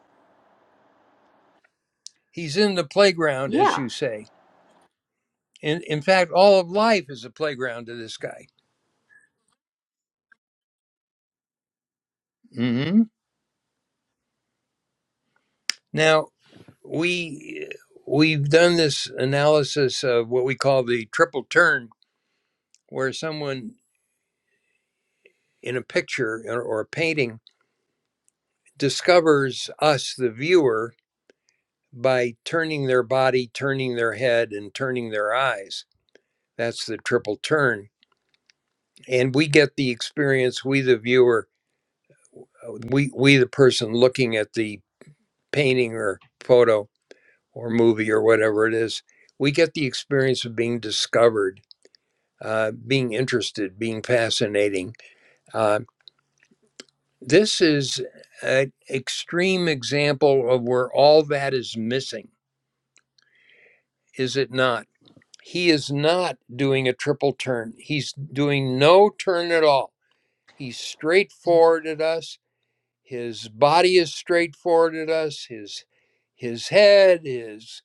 He's in the playground, as
Yeah.
you say. In in fact, all of life is a playground to this guy. hmm Now, we we've done this analysis of what we call the triple turn where someone in a picture or, a painting discovers us the viewer by turning their body turning their head and turning their eyes that's the triple turn and we get the experience we the viewer uh, we we the person looking at the painting or photo or movie or whatever it is we get the experience of being discovered uh, being interested, being fascinating. Uh, this is an extreme example of where all that is missing, is it not? He is not doing a triple turn. He's doing no turn at all. He's straightforward at us. His body is straightforward at us. His his head, his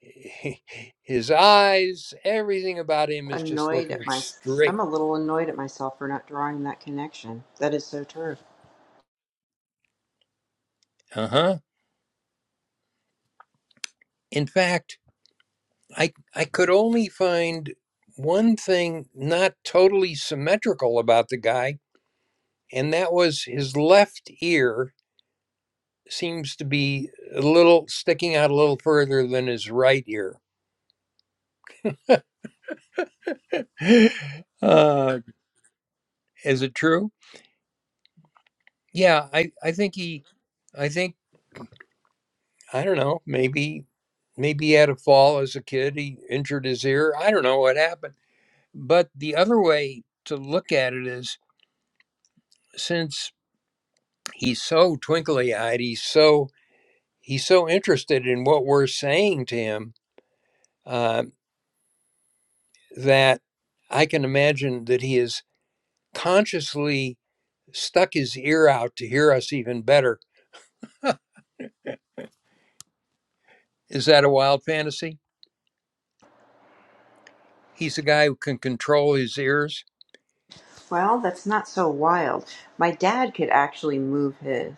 his eyes, everything about him is just
Annoyed at
looking
my,
straight.
I'm a little annoyed at myself for not drawing that connection. That is so true.
Uh huh. In fact, I I could only find one thing not totally symmetrical about the guy, and that was his left ear seems to be a little sticking out a little further than his right ear. uh, is it true? Yeah, I I think he, I think I don't know. Maybe maybe he had a fall as a kid. He injured his ear. I don't know what happened. But the other way to look at it is since he's so twinkly eyed, he's so he's so interested in what we're saying to him uh, that I can imagine that he has consciously stuck his ear out to hear us even better. Is that a wild fantasy? He's a guy who can control his ears.
Well, that's not so wild. My dad could actually move his.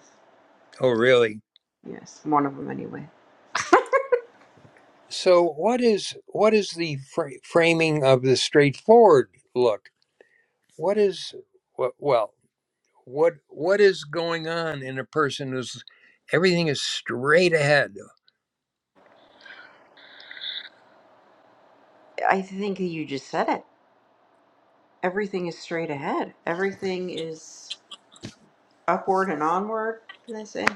Oh, really?
Yes, one of them anyway.
So, what is what is the fr- framing of the straightforward look? What is well, what what is going on in a person who's everything is straight ahead?
I think you just said it. Everything is straight ahead. Everything is upward and onward. What Did I say?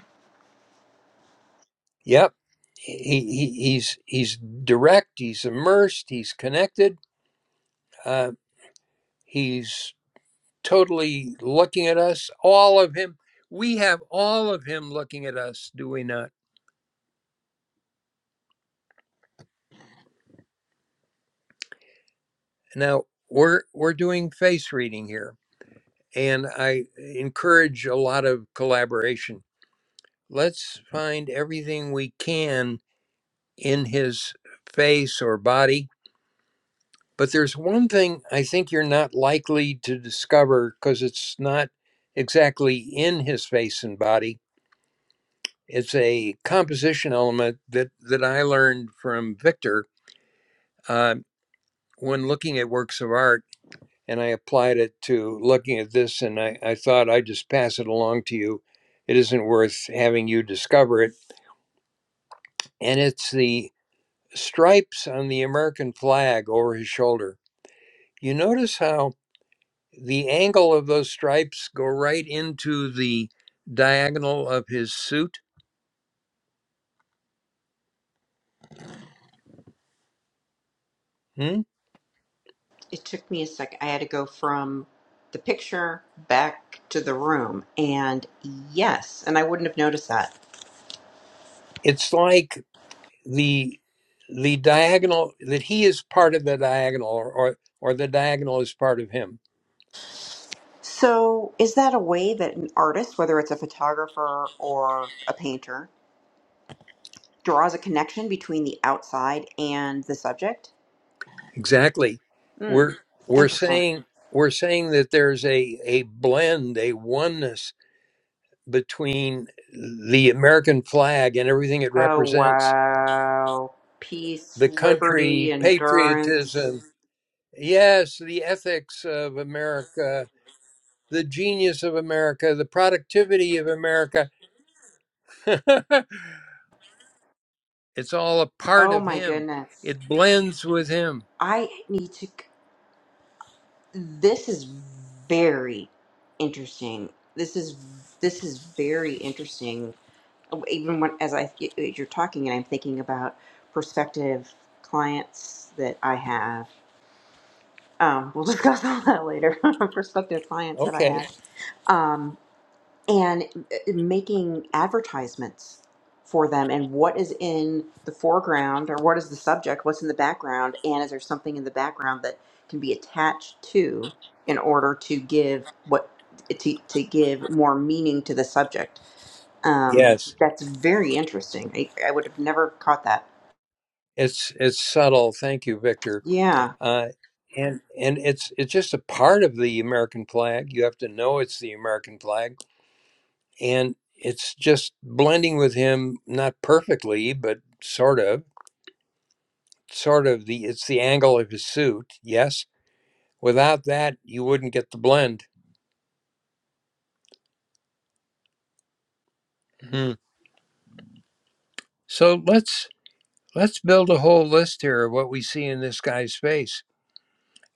Yep. He, he he's he's direct. He's immersed. He's connected. Uh, he's totally looking at us. All of him. We have all of him looking at us. Do we not? Now we're we're doing face reading here, and I encourage a lot of collaboration. Let's find everything we can in his face or body But there's one thing I think you're not likely to discover because it's not exactly in his face and body. It's a composition element that, that I learned from Victor uh, when looking at works of art, and I applied it to looking at this, and I, I thought I'd just pass it along to you. It isn't worth having you discover it. And it's the stripes on the American flag over his shoulder. You notice how the angle of those stripes go right into the diagonal of his suit. Hmm?
It took me a second. I had to go from the picture back to the room, and yes, and I wouldn't have noticed that.
It's like the the diagonal that he is part of the diagonal, or, or or the diagonal is part of him.
So, is that a way that an artist, whether it's a photographer or a painter, draws a connection between the outside and the subject?
Exactly.
Hmm,
We're we're
interesting.
saying we're saying that there's a a blend, a oneness between the American flag and everything it
Oh,
represents,
wow. Peace,
the
liberty,
country,
endurance.
patriotism, yes, the ethics of America the genius of America, the productivity of America. it's all a part
Oh,
of
my
him.
goodness.
It blends with him.
I need to. This is very interesting. This is this is very interesting even when as I as you're talking and I'm thinking about prospective clients that I have. Um, we'll discuss all that later. prospective clients that I
Okay.
have, um, and uh, uh, making advertisements for them, and what is in the foreground or what is the subject, what's in the background, and is there something in the background that can be attached to in order to give what to, to give more meaning to the subject um,
Yes.
that's very interesting. I, I would have never caught that.
It's it's subtle. Thank you, Victor.
Yeah.
Uh, and and it's it's just a part of the American flag. You have to know it's the American flag, and it's just blending with him, not perfectly, but sort of, sort of the it's the angle of his suit. Yes. Without that, you wouldn't get the blend. Hmm. So let's Let's build a whole list here of what we see in this guy's face.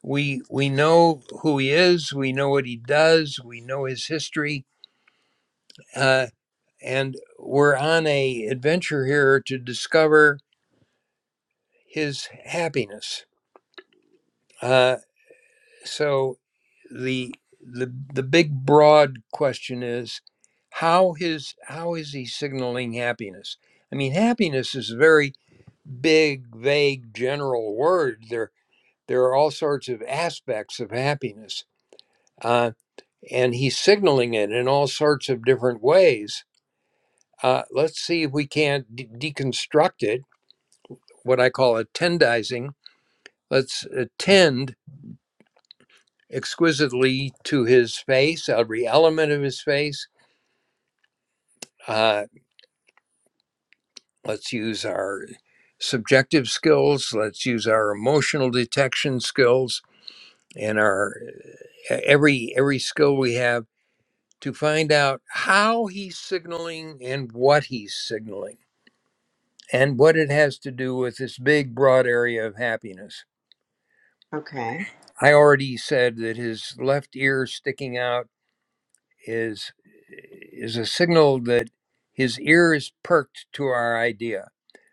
We we know who he is. We know what he does. We know his history, uh, and we're on a adventure here to discover his happiness. Uh, so the the the big broad question is how his how is he signaling happiness? I mean, happiness is a very big, vague, general word. There. There are all sorts of aspects of happiness, uh, and he's signaling it in all sorts of different ways. Uh, let's see if we can't de- deconstruct it, what I call attendizing. Let's attend exquisitely to his face, every element of his face. Uh, let's use our subjective skills, let's use our emotional detection skills and our e-, every every skill we have to find out how he's signaling and what he's signaling and what it has to do with this big, broad area of happiness.
Okay.
I already said that his left ear sticking out is, is a signal that his ear is perked to our idea.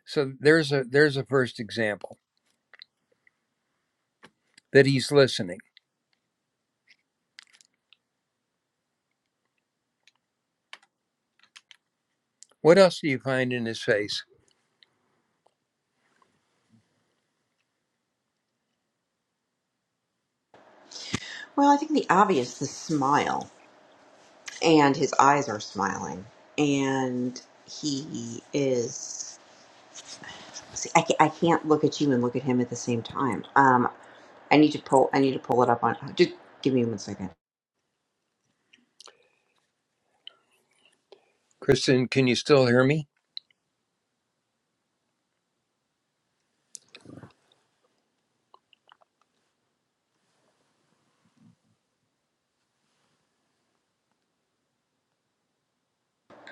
So there's a, there's a first example that he's listening. What else do you find in his face?
Well, I think the obvious, the smile, and his eyes are smiling, and he is. See, I, ca- I can't look at you and look at him at the same time. Um, I need to pull. I need to pull it up on. Just give me one second.
Kristen, can you still hear me?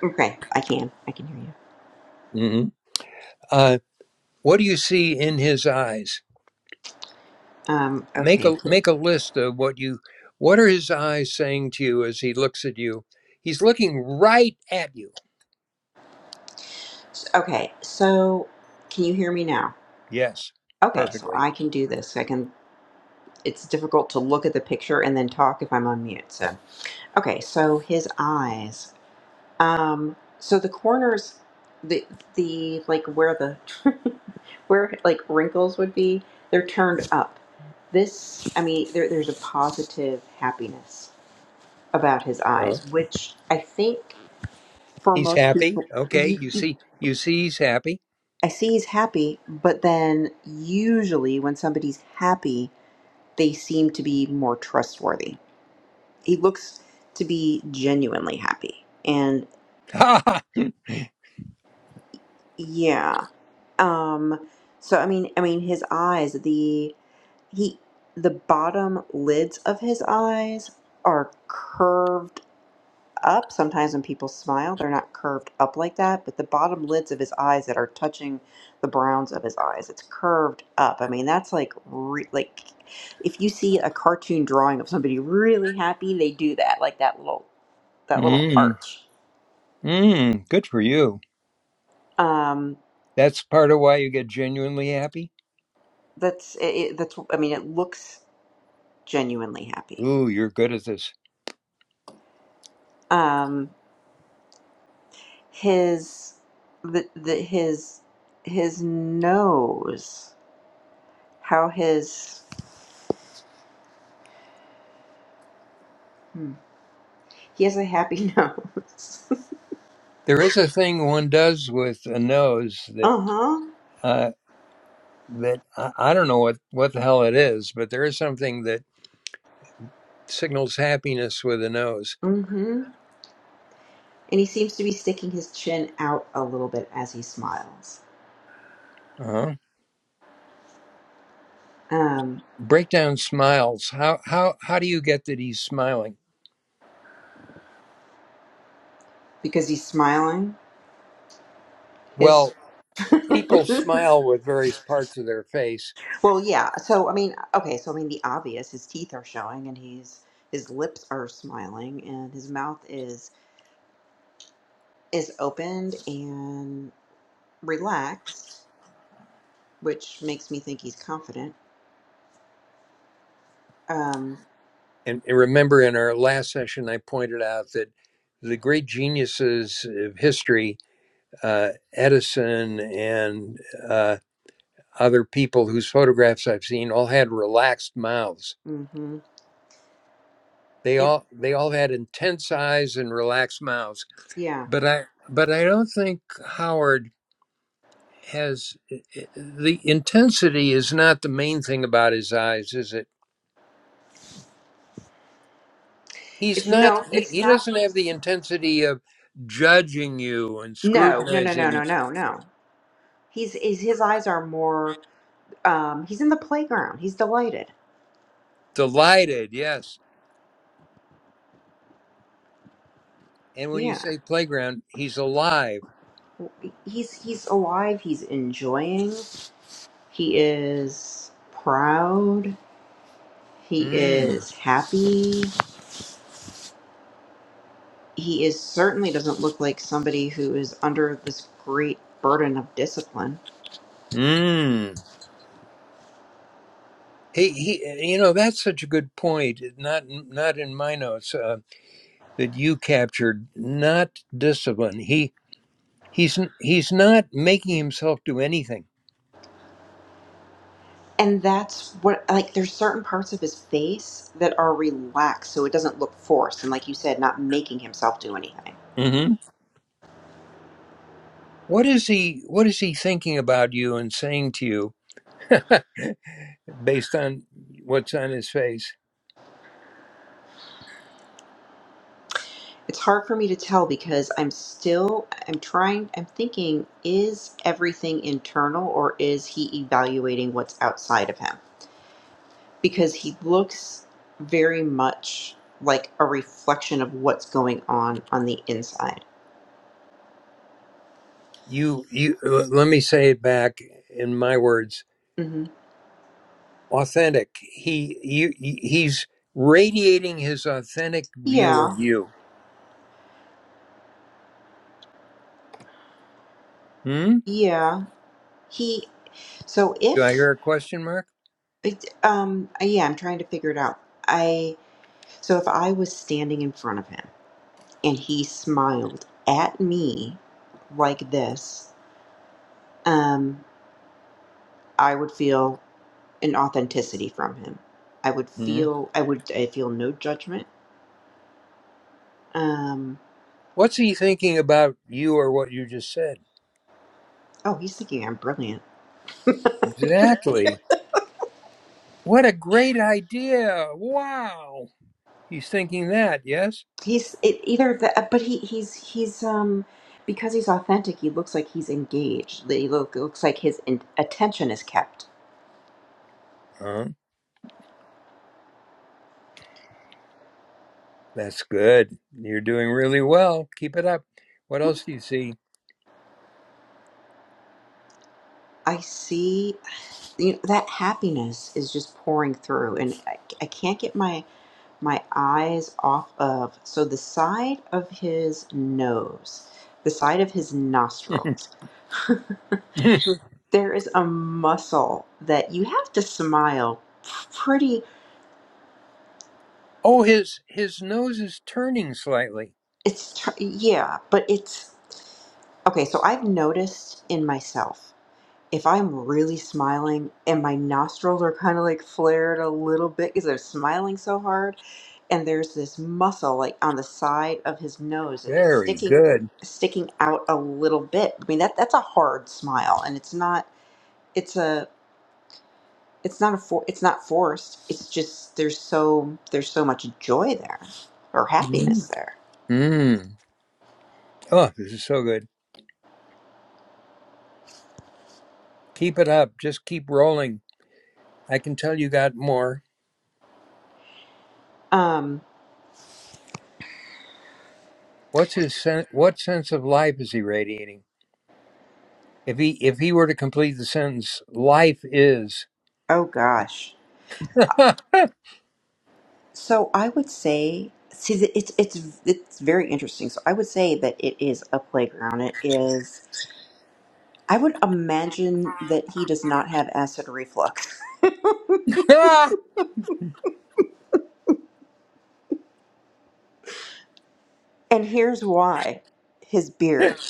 Okay, I can. I can hear you.
hmm Uh, what do you see in his eyes?
Um,
make
okay.
a make a list of what you what are his eyes saying to you as he looks at you he's looking right at you
Okay. So, can you hear me now?
yes
Okay, so
perfectly
I can do this. I can. it's difficult to look at the picture and then talk if I'm on mute. So okay, so his eyes. Um, so the corners, the the like where the where like wrinkles would be, they're turned up. This, I mean, there, there's a positive happiness about his
uh
eyes, which I think for
he's
most
happy
people,
okay
you,
you
you-
see you see he's happy
I see he's happy, but then usually when somebody's happy, they seem to be more trustworthy he looks to be genuinely happy and
ha ha.
yeah um so i mean i mean his eyes the he the bottom lids of his eyes are curved up sometimes when people smile they're not curved up like that but the bottom lids of his eyes that are touching the browns of his eyes it's curved up i mean that's like re- like if you see a cartoon drawing of somebody really happy they do that like that little that little
mm,
arch
mm, good for you
um
that's part of why you get genuinely happy
That's it, that's I mean it looks genuinely happy.
ooh you're good at this
Um his the, the his his nose how his hmm. he has a happy nose.
there is a thing one does with a nose that
uh-huh.
uh that I, I don't know what what the hell it is but there is something that signals happiness with a nose
Mhm. And he seems to be sticking his chin out a little bit as he smiles.
uh-huh
Um
breakdown smiles how how how do you get that he's smiling
because he's smiling his
well people smile with various parts of their face
Well, yeah. So I mean, okay. So I mean, the obvious: his teeth are showing, and he's his lips are smiling, and his mouth is is opened and relaxed, which makes me think he's confident. Um,
and, and remember in our last session i pointed out that the great geniuses of history uh, edison and uh, other people whose photographs i've seen all had relaxed mouths
hmm
they
It,
all they all had intense eyes and relaxed mouths
yeah.
but i but i don't think howard has eh, eh, the intensity is not the main thing about his eyes, is it? He's
It's
not.
no.
He,
It's
he
not.
doesn't have the intensity of judging you and
No, no, no, no,
scrutinizing.
no, no, no. He's is his eyes are more. Um, he's in the playground. He's delighted.
Delighted, yes. And when you
Yeah.
say playground, he's alive.
He's he's alive. He's enjoying. He is proud He
Mm.
is happy. He is certainly doesn't look like somebody who is under this great burden of discipline.
Mm. He, he, you know, that's such a good point. Not, not in my notes uh, that you captured. Not discipline. He, he's, he's not making himself do anything.
And that's what like there's certain parts of his face that are relaxed so it doesn't look forced and like you said not making himself do anything.
Mm. Hmm. What is he what is he thinking about you and saying to you based on what's on his face?
It's hard for me to tell because I'm still I'm trying I'm thinking is everything internal or is he evaluating what's outside of him? because he looks very much like a reflection of what's going on on the inside.
You you let me say it back in my words.
hmm
Authentic. He you he's radiating his authentic view of
Yeah,
you. Hmm?
yeah. He so
Do I
if
hear a question mark?
it, um uh, yeah, I'm trying to figure it out. I so if I was standing in front of him and he smiled at me like this, um, I would feel an authenticity from him. I would
Hmm.
feel I would I feel no judgment. Um,
What's he thinking about you or what you just said?
oh, he's thinking I'm brilliant.
Exactly. What a great idea. Wow. He's thinking that, yes?
He's it, either the, uh, but he he's he's um because he's authentic. He looks like he's engaged. He look, looks like his in, attention is kept.
Huh. That's good. You're doing really well. Keep it up. What else do you see?
I see you know, that happiness is just pouring through, and I, I can't get my my eyes off of so the side of his nose, the side of his nostrils. there is a muscle that you have to smile pretty.
oh, his his nose is turning slightly.
It's tr- yeah, but it's okay. So I've noticed in myself if I'm really smiling and my nostrils are kind of like flared a little bit because I'm smiling so hard, and there's this muscle like on the side of his nose and it's
Very
sticking
good.
sticking out a little bit. I mean that that's a hard smile, and it's not it's a it's not a for, it's not forced. It's just there's so there's so much joy there or
Mm.
happiness there.
Mm. Oh, this is so good. Keep it up. Just keep rolling. I can tell you got more.
Um.
What's his sen- what sense of life is he radiating? If he if he were to complete the sentence, life is.
Oh gosh. So I would say, see, the- it's it's it's very interesting. So I would say that it is a playground. It is. I would imagine that he does not have acid reflux, and here's why: his beard.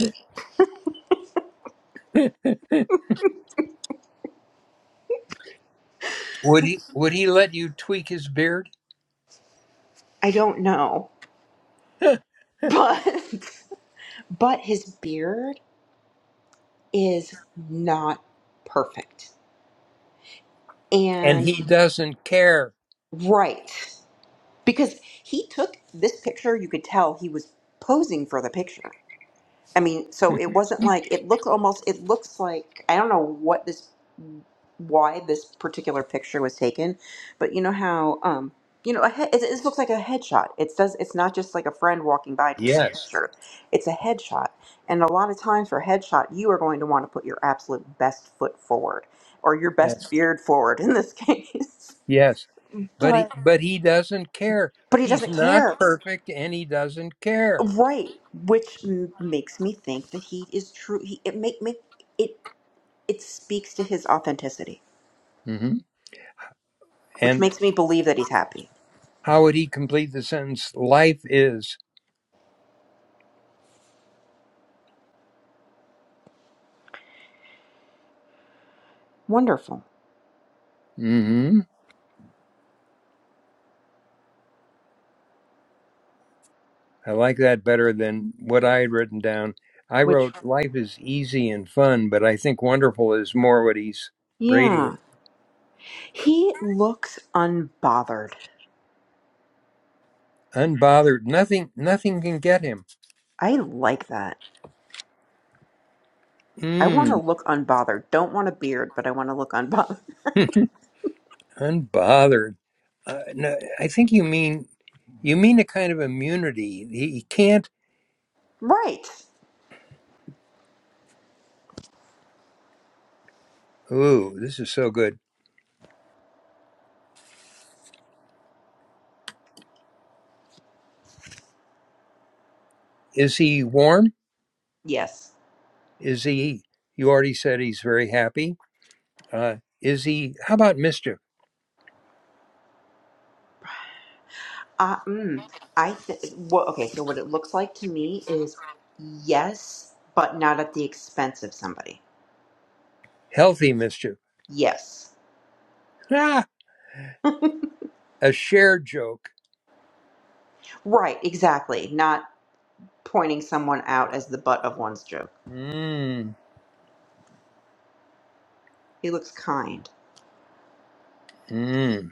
would he would he let you tweak his beard?
I don't know, but but his beard is not perfect.
And
And
he doesn't care.
right, because he took this picture, you could tell he was posing for the picture I mean, so it wasn't like it looked almost. It looks like I don't know what this, why this particular picture was taken, but you know how, um, you know, a head, it, it looks like a headshot. It does. It's not just like a friend walking by taking a Yeah.
Yes.
picture. It's a headshot, and a lot of times for a headshot, you are going to want to put your absolute best foot forward or your best
Yes.
beard forward in this case.
Yes. But he
But
but he doesn't care.
but he
He's
doesn't
not
care,
perfect and he doesn't care.
right? Which m- makes me think that he is true. He it make make it. It speaks to his authenticity,
hmm
which
And
makes me believe that he's happy.
how would he complete the sentence? Life is.
Wonderful.
hmm I like that better than what I had written down. I
Which,
wrote life is easy and fun, but I think wonderful is more what he's
yeah.
radiating.
He looks unbothered.
Unbothered. Nothing nothing can get him.
I like that. I want to
Mm.
look unbothered. Don't want a beard, but I want to look unbothered.
Unbothered. Uh, no, I think you mean you mean a kind of immunity. He, he can't.
Right.
Ooh, this is so good. Is he warm?
Yes.
Is he, you already said he's very happy. Uh, is he, how about mischief?
Uh, mm, I th- well, okay, so what it looks like to me is yes, but not at the expense of somebody.
Healthy mischief.
Yes.
Ah, a shared joke.
Right, exactly. Not pointing someone out as the butt of one's joke.
Mmm,
He looks kind.
mmm.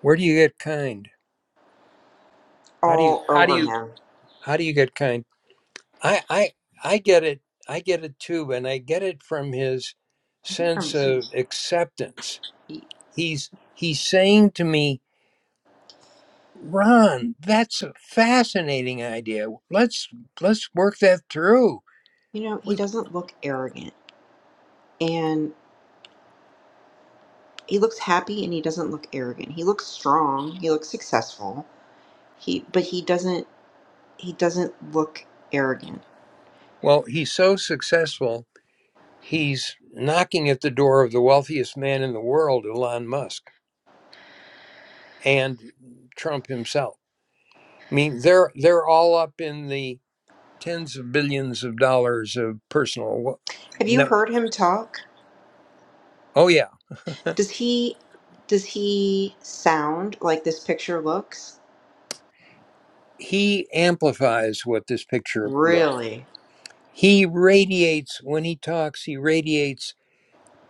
Where do you get kind? How do you,
all
how do
over
you,
him.
how do you get kind? I, I, I get it. I get it too. And I get it from his
I think from
sense
his
of acceptance.
feet.
He's, he's saying to me, Ron, that's a fascinating idea. Let's let's work that through.
You know, he
We,
doesn't look arrogant. And he looks happy and he doesn't look arrogant. He looks strong. He looks successful. He but he doesn't he doesn't look arrogant.
well, he's so successful. He's knocking at the door of the wealthiest man in the world, Elon Musk, and Trump himself. I mean, they're they're all up in the tens of billions of dollars of personal wo-
Have you
net.
heard him talk?
Oh yeah,
Does he does he sound like this picture looks?
he amplifies what this picture looks.
Really?
He radiates when he talks. He radiates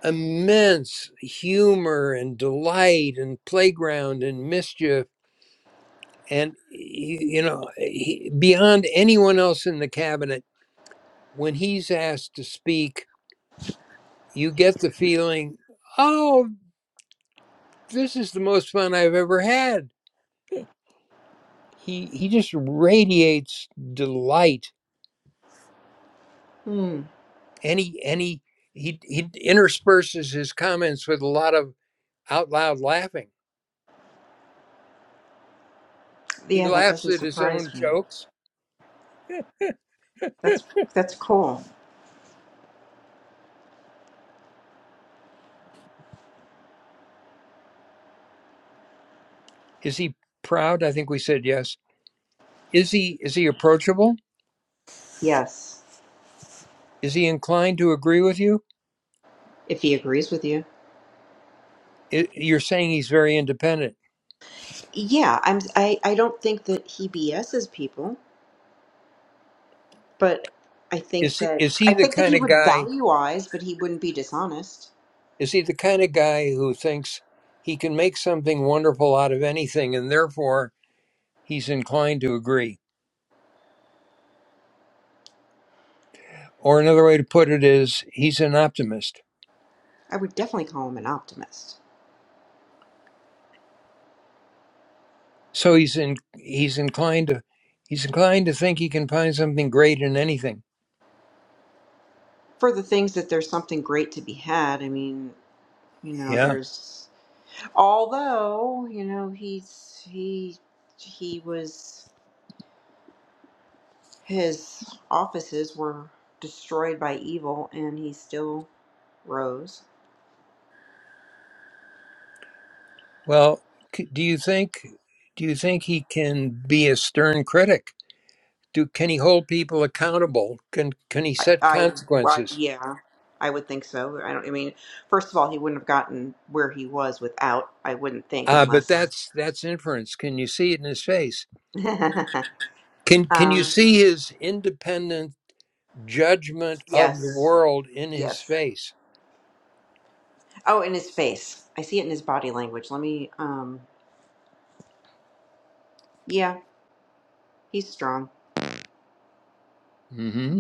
immense humor and delight and playground and mischief and you know he, beyond anyone else in the cabinet when he's asked to speak you get the feeling oh this is the most fun i've ever had he he just radiates delight
Hmm.
and he and he he, he intersperses his comments with a lot of out loud laughing he
Yeah, that
laughs
doesn't
at his own
surprise me.
jokes
That's that's cool.
is he proud i think we said yes. Is he is he approachable?
Yes.
Is he inclined to agree with you?
If he agrees with you.
I you're saying he's very independent.
Yeah, I'm I I don't think that he BSs people, but I think
Is he,
that
is he
I
the
think that
kind
he
of
would
guy?
value eyes, but he wouldn't be dishonest.
Is he the kind of guy who thinks he can make something wonderful out of anything, and therefore he's inclined to agree? Or another way to put it is he's an optimist.
I would definitely call him an optimist.
So he's in he's inclined to he's inclined to think he can find something great in anything.
For the things that there's something great to be had, I mean, you know,
Yeah.
there's although, you know, he's he he was his offices were destroyed by evil and he still rose.
Well, c- do you think do you think he can be a stern critic? do can he hold people accountable can can he
I,
set
I, I
consequences
yeah, I would think so. I don't. I mean, first of all, he wouldn't have gotten where he was without. I wouldn't think
uh, but
unless.
that's that's inference can you see it in his face can can you
um.
see his independent judgment of the
Yes.
world in his
Yes.
face
Oh, in his face. I see it in his body language. Let me. Um. Yeah, he's strong.
hmm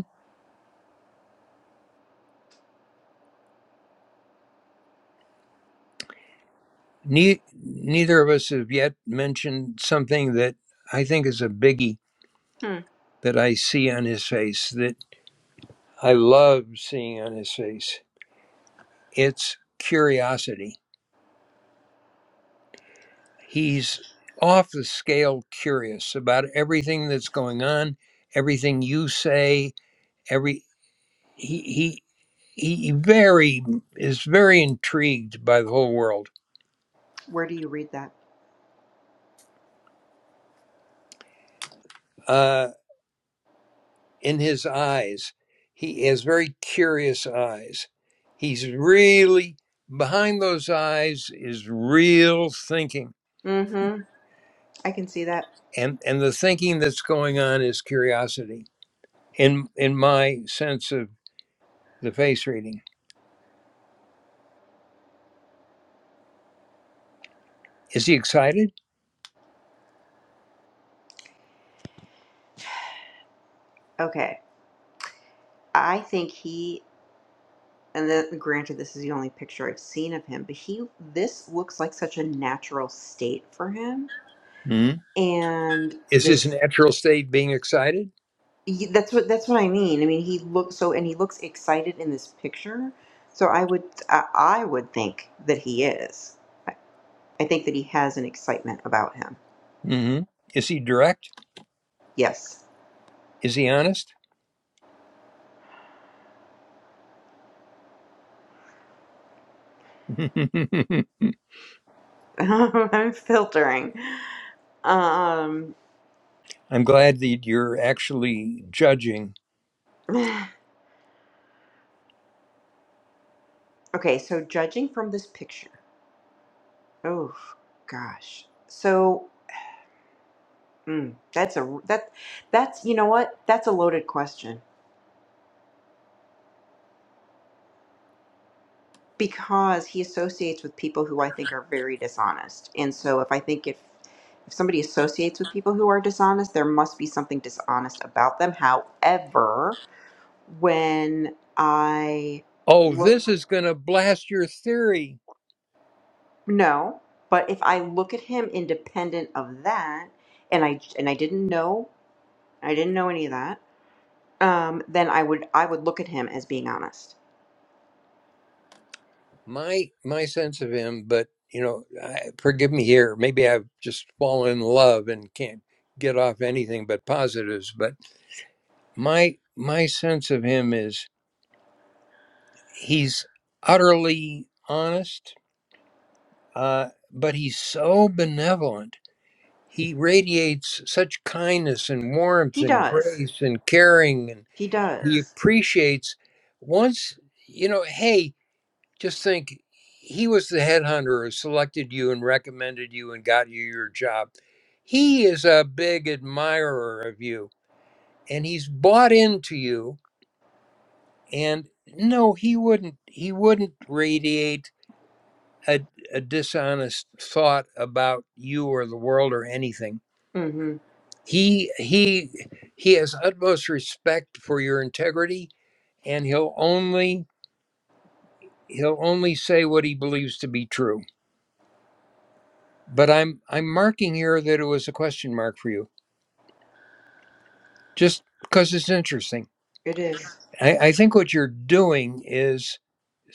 ne- neither of us have yet mentioned something that i think is a biggie
Hmm.
that i see on his face that i love seeing on his face it's curiosity He's off the scale curious about everything that's going on, everything you say, every he he he very is very intrigued by the whole world.
Where do you read that?
Uh, in his eyes, he has very curious eyes. He's really behind those eyes is real thinking,
Mm-hmm. I can see that.
and and the thinking that's going on is curiosity. In in my sense of the face reading, is he excited?
Okay. I think he. And then, granted, this is the only picture I've seen of him, but he. This looks like such a natural state for him and
Is his
this
natural state being excited?
Ye- That's what that's what I mean. I mean, he looks so, and he looks excited in this picture. So I would, I, I would think that he is. I think that he has an excitement about him.
hmm Is he direct?
Yes,
Is he honest? I'm
I'm filtering. Um,
glad that you're actually judging.
okay, so judging from this picture, oh gosh, so mm, that's a that that's you know what? That's a loaded question. because he associates with people who I think are very dishonest. And so if I think if if somebody associates with people who are dishonest, there must be something dishonest about them. However, when I
Oh,
look
this is going to blast your theory.
no, but if I look at him independent of that and I and I didn't know, I didn't know any of that, um then I would I would look at him as being honest.
My my sense of him, but you know, I, forgive me here. Maybe I've just fallen in love and can't get off anything but positives. But my my sense of him is he's utterly honest, uh, but he's so benevolent he radiates such kindness and warmth
He
and
does.
grace and caring and
He
he
does.
appreciates once you know hey just think he was the headhunter who selected you and recommended you and got you your job he is a big admirer of you and he's bought into you and no he wouldn't he wouldn't radiate a, a dishonest thought about you or the world or anything
Mm-hmm. Mhm.
he he he has utmost respect for your integrity and he'll only he'll only say what he believes to be true but i'm i'm marking here that it was a question mark for you just because it's interesting
It is.
I, I think what you're doing is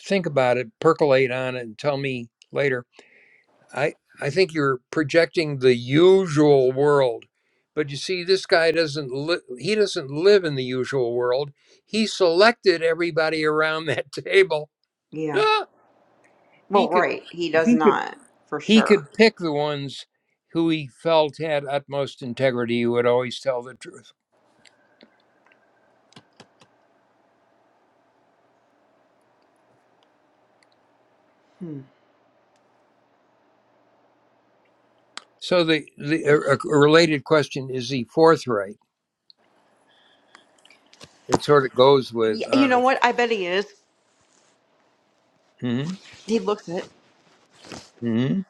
think about it percolate on it and tell me later I I think you're projecting the usual world, but you see, this guy doesn't li- he doesn't live in the usual world. He selected everybody around that table.
Yeah.
Ah! he
Well,
could
right. He does
he could
not, for
he
sure.
could pick the ones who he felt had utmost integrity, who would always tell the truth.
Hmm.
So the the a, a related question is he forthright? It sort of goes
Y-
with
you know
honest.
what? I bet he is.
hmm
He looks it.
hmm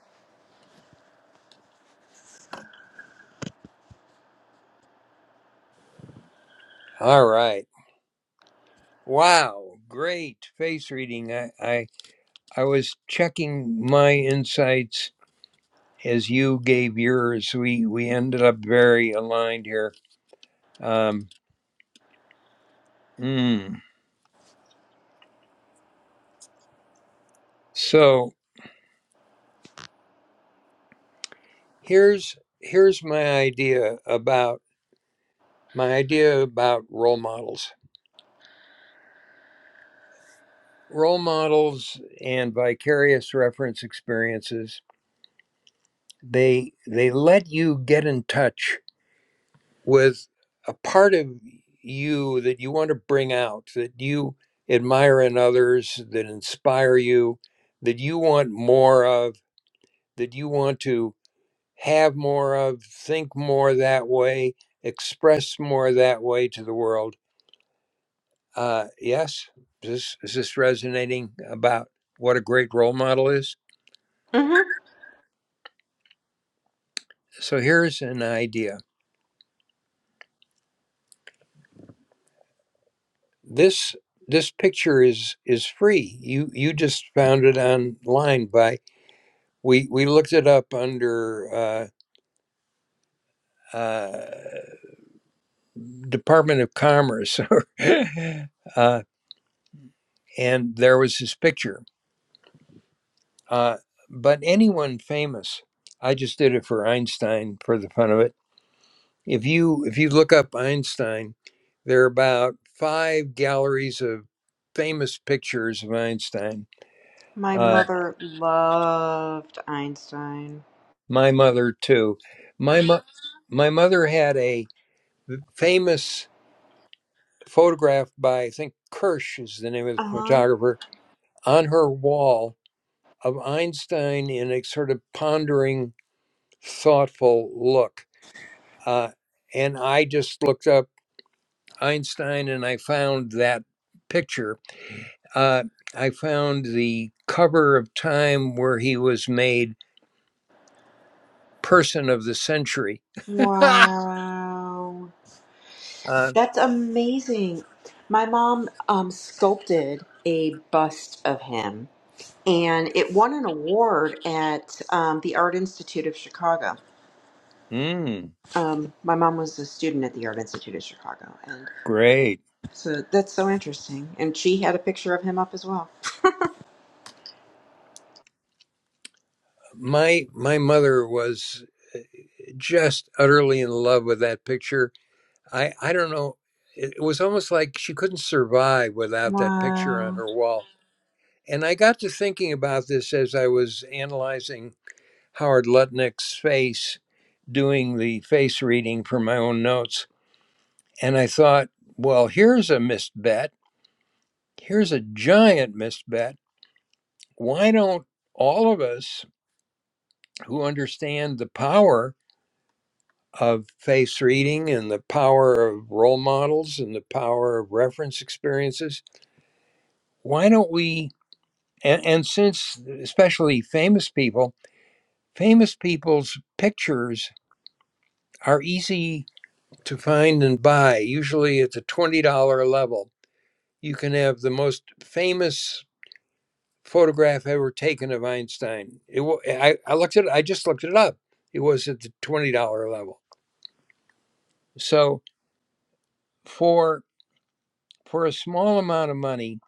All right. Wow, great face reading. I, I I was checking my insights as you gave yours. We we ended up very aligned here. Um, mm. So here's here's my idea about my idea about role models, role models, and vicarious reference experiences. They they let you get in touch with a part of you that you want to bring out, that you admire in others, that inspire you, that you want more of, that you want to have more of, think more that way, express more that way to the world. Uh, yes, is this, is this resonating about what a great role model is?
hmm
So here's an idea. This this picture is is free. You you just found it online by we we looked it up under uh, uh, Department of Commerce, uh, and there was his picture. Uh, but anyone famous, I just did it for Einstein for the fun of it. If you if you look up Einstein, there are about five galleries of famous pictures of Einstein.
My
Uh,
mother loved Einstein.
my mother too. My mo- my mother had a famous. photographed by I think Kirsch is the name of the
Uh huh.
photographer on her wall of Einstein in a sort of pondering, thoughtful look. Uh, and I just looked up Einstein and I found that picture. Uh, I found the cover of Time where he was made Person of the Century.
Wow.
Uh,
That's amazing. My mom um, sculpted a bust of him, and it won an award at um, the Art Institute of Chicago.
Mm,
Um, my mom was a student at the Art Institute of Chicago, and.
great.
So that's so interesting. And she had a picture of him up as well.
my my mother was just utterly in love with that picture I I don't know. It, it was almost like she couldn't survive without that picture on
Wow.
her wall. And I got to thinking about this as I was analyzing Howard Lutnick's face, doing the face reading for my own notes. And I thought, well, here's a missed bet. Here's a giant missed bet. Why don't all of us who understand the power of face reading and the power of role models and the power of reference experiences, why don't we and, and since especially famous people famous people's pictures are easy to find and buy usually at the $20 level you can have the most famous photograph ever taken of einstein it, I, I looked at it i just looked it up it was at the $20 level so for for a small amount of money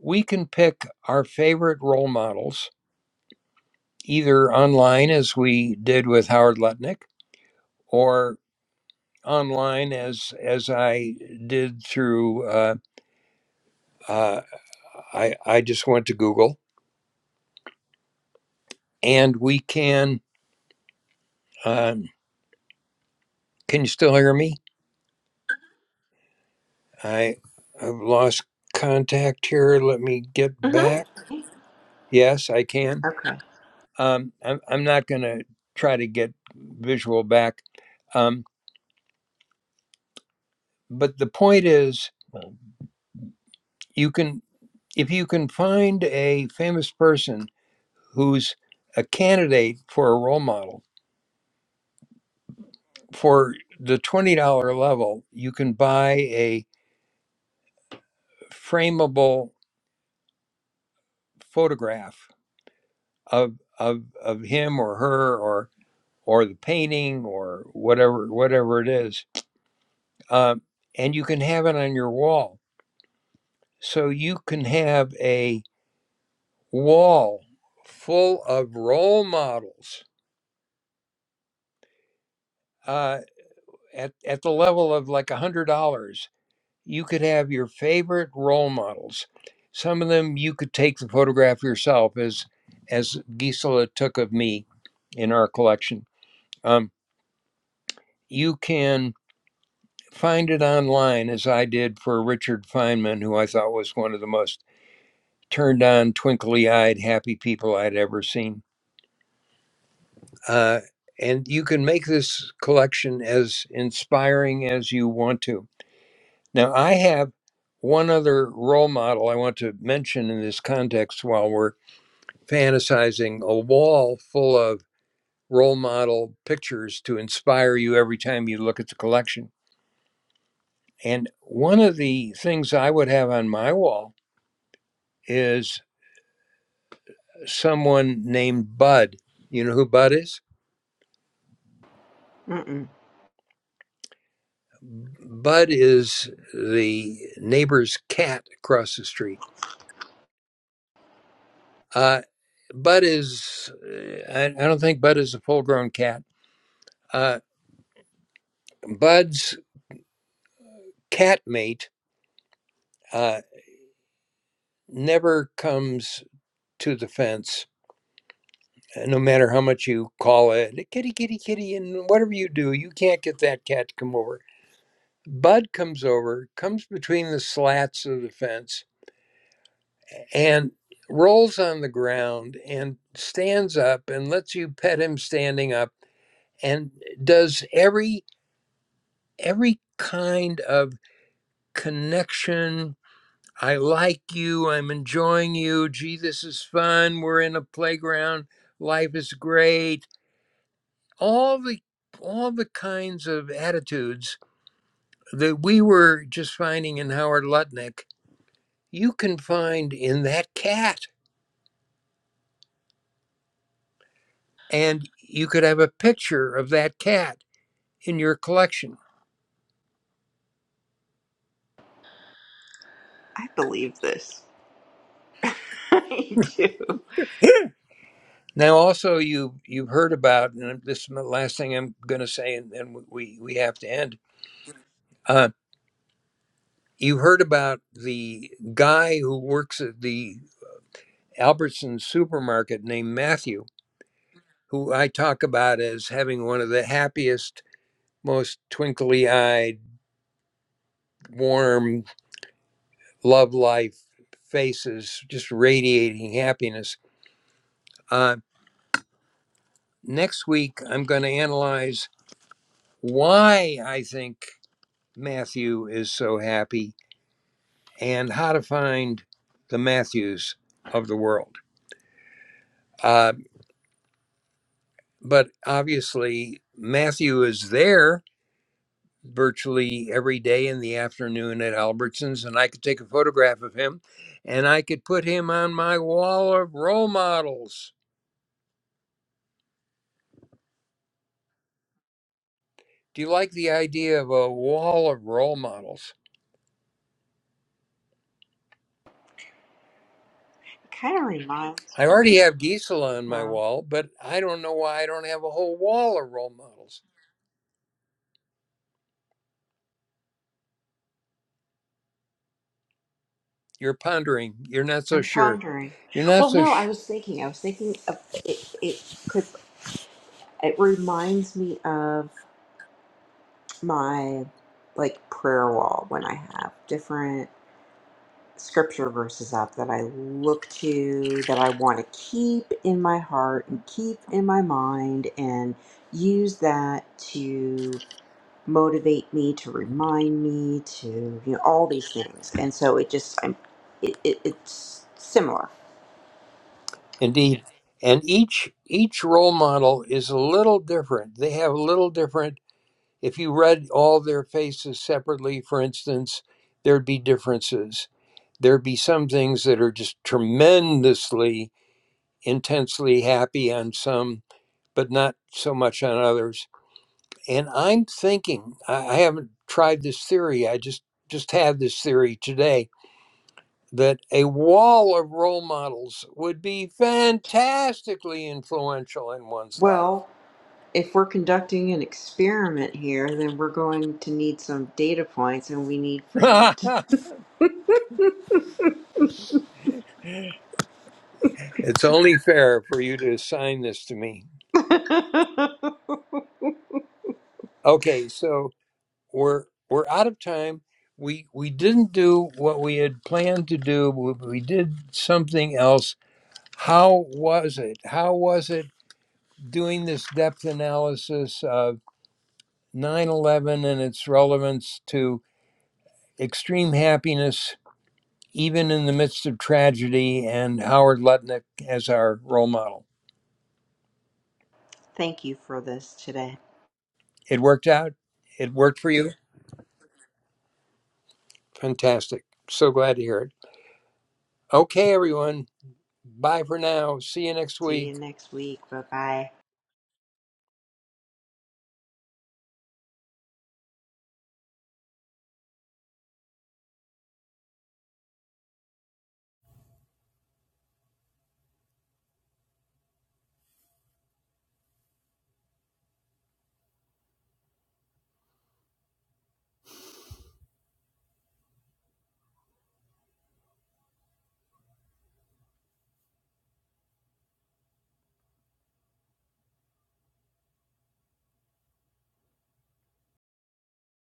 we can pick our favorite role models either online as we did with howard lutnick or. online as as I did through. Uh, uh, I I just went to Google, and we can. Um, can you still hear me? I I've lost contact here. Let me get back.
Mm-hmm.
Yes, I can.
Okay.
Um, I'm I'm not going to try to get visual back, um, but the point is, you can if you can find a famous person who's a candidate for a role model for the $20 level, you can buy a frameable photograph of of of him or her or or the painting or whatever whatever it is, um, and you can have it on your wall. So you can have a wall full of role models uh, at at the level of like a hundred dollars you could have your favorite role models. Some of them you could take the photograph yourself, as as Gisela took of me in our collection. Um, you can find it online, as I did for Richard Feynman, who I thought was one of the most turned on, twinkly eyed, happy people I'd ever seen. Uh, and you can make this collection as inspiring as you want to Now, I have one other role model I want to mention in this context while we're fantasizing a wall full of role model pictures to inspire you every time you look at the collection. And one of the things I would have on my wall is someone named Bud. You know who Bud is?
Mm-mm.
Bud is the neighbor's cat across the street. Uh, Bud is, uh, I, I don't think Bud is a full grown cat. Uh, Bud's cat mate uh, never comes to the fence, uh, no matter how much you call it, "Hey, kitty, kitty, kitty, and whatever you do, you can't get that cat to come over. Bud comes over, comes between the slats of the fence, and rolls on the ground and stands up and lets you pet him standing up and does every every kind of connection I like you. I'm enjoying you. Gee, this is fun. We're in a playground. Life is great. All the all the kinds of attitudes that we were just finding in Howard Lutnick, you can find in that cat. And you could have a picture of that cat in your collection.
I believe this. I do.
Now, also, you you've heard about, and this is the last thing I'm going to say, and then we we have to end. Uh, You heard about the guy who works at the Albertson's supermarket named Matthew, who I talk about as having one of the happiest, most twinkly eyed, warm, love life faces, just radiating happiness. Uh, next week, I'm going to analyze why I think Matthew is so happy and how to find the Matthews of the world. Uh, But obviously, Matthew is there virtually every day in the afternoon at Albertsons, and I could take a photograph of him and I could put him on my wall of role models. Do you like the idea of a wall of role models?
kind of reminds.
I already have Gisela on my
Wow.
wall, but I don't know why I don't have a whole wall of role models. You're pondering. You're not so
I'm
sure.
pondering.
You're not
Well,
so
no, I
sure.
was thinking. I was thinking of it. It could. It reminds me of my like prayer wall when I have different. scripture verses up that I look to, that I want to keep in my heart and keep in my mind, and use that to motivate me, to remind me, to you know all these things. And so it just I'm, it, it, it's similar.
Indeed. And each each role model is a little different. They have a little different If you read all their faces separately, for instance, there'd be differences. There'd be some things that are just tremendously, intensely happy on some, but not so much on others. And I'm thinking, I I haven't tried this theory, I just just had this theory today that a wall of role models would be fantastically influential in one's life.
Well, if we're conducting an experiment here, then we're going to need some data points, and we need for you to.
it's only fair for you to assign this to me. Okay, so we're we're out of time. We we didn't do what we had planned to do. but We did something else. How was it? How was it doing this depth analysis of 9/11 and its relevance to extreme happiness even in the midst of tragedy and Howard Lutnick as our role model?
Thank you for this today.
It worked out. It worked for you. Fantastic. So glad to hear it. Okay, everyone. Bye for now. See you next week.
See you next week. Bye bye.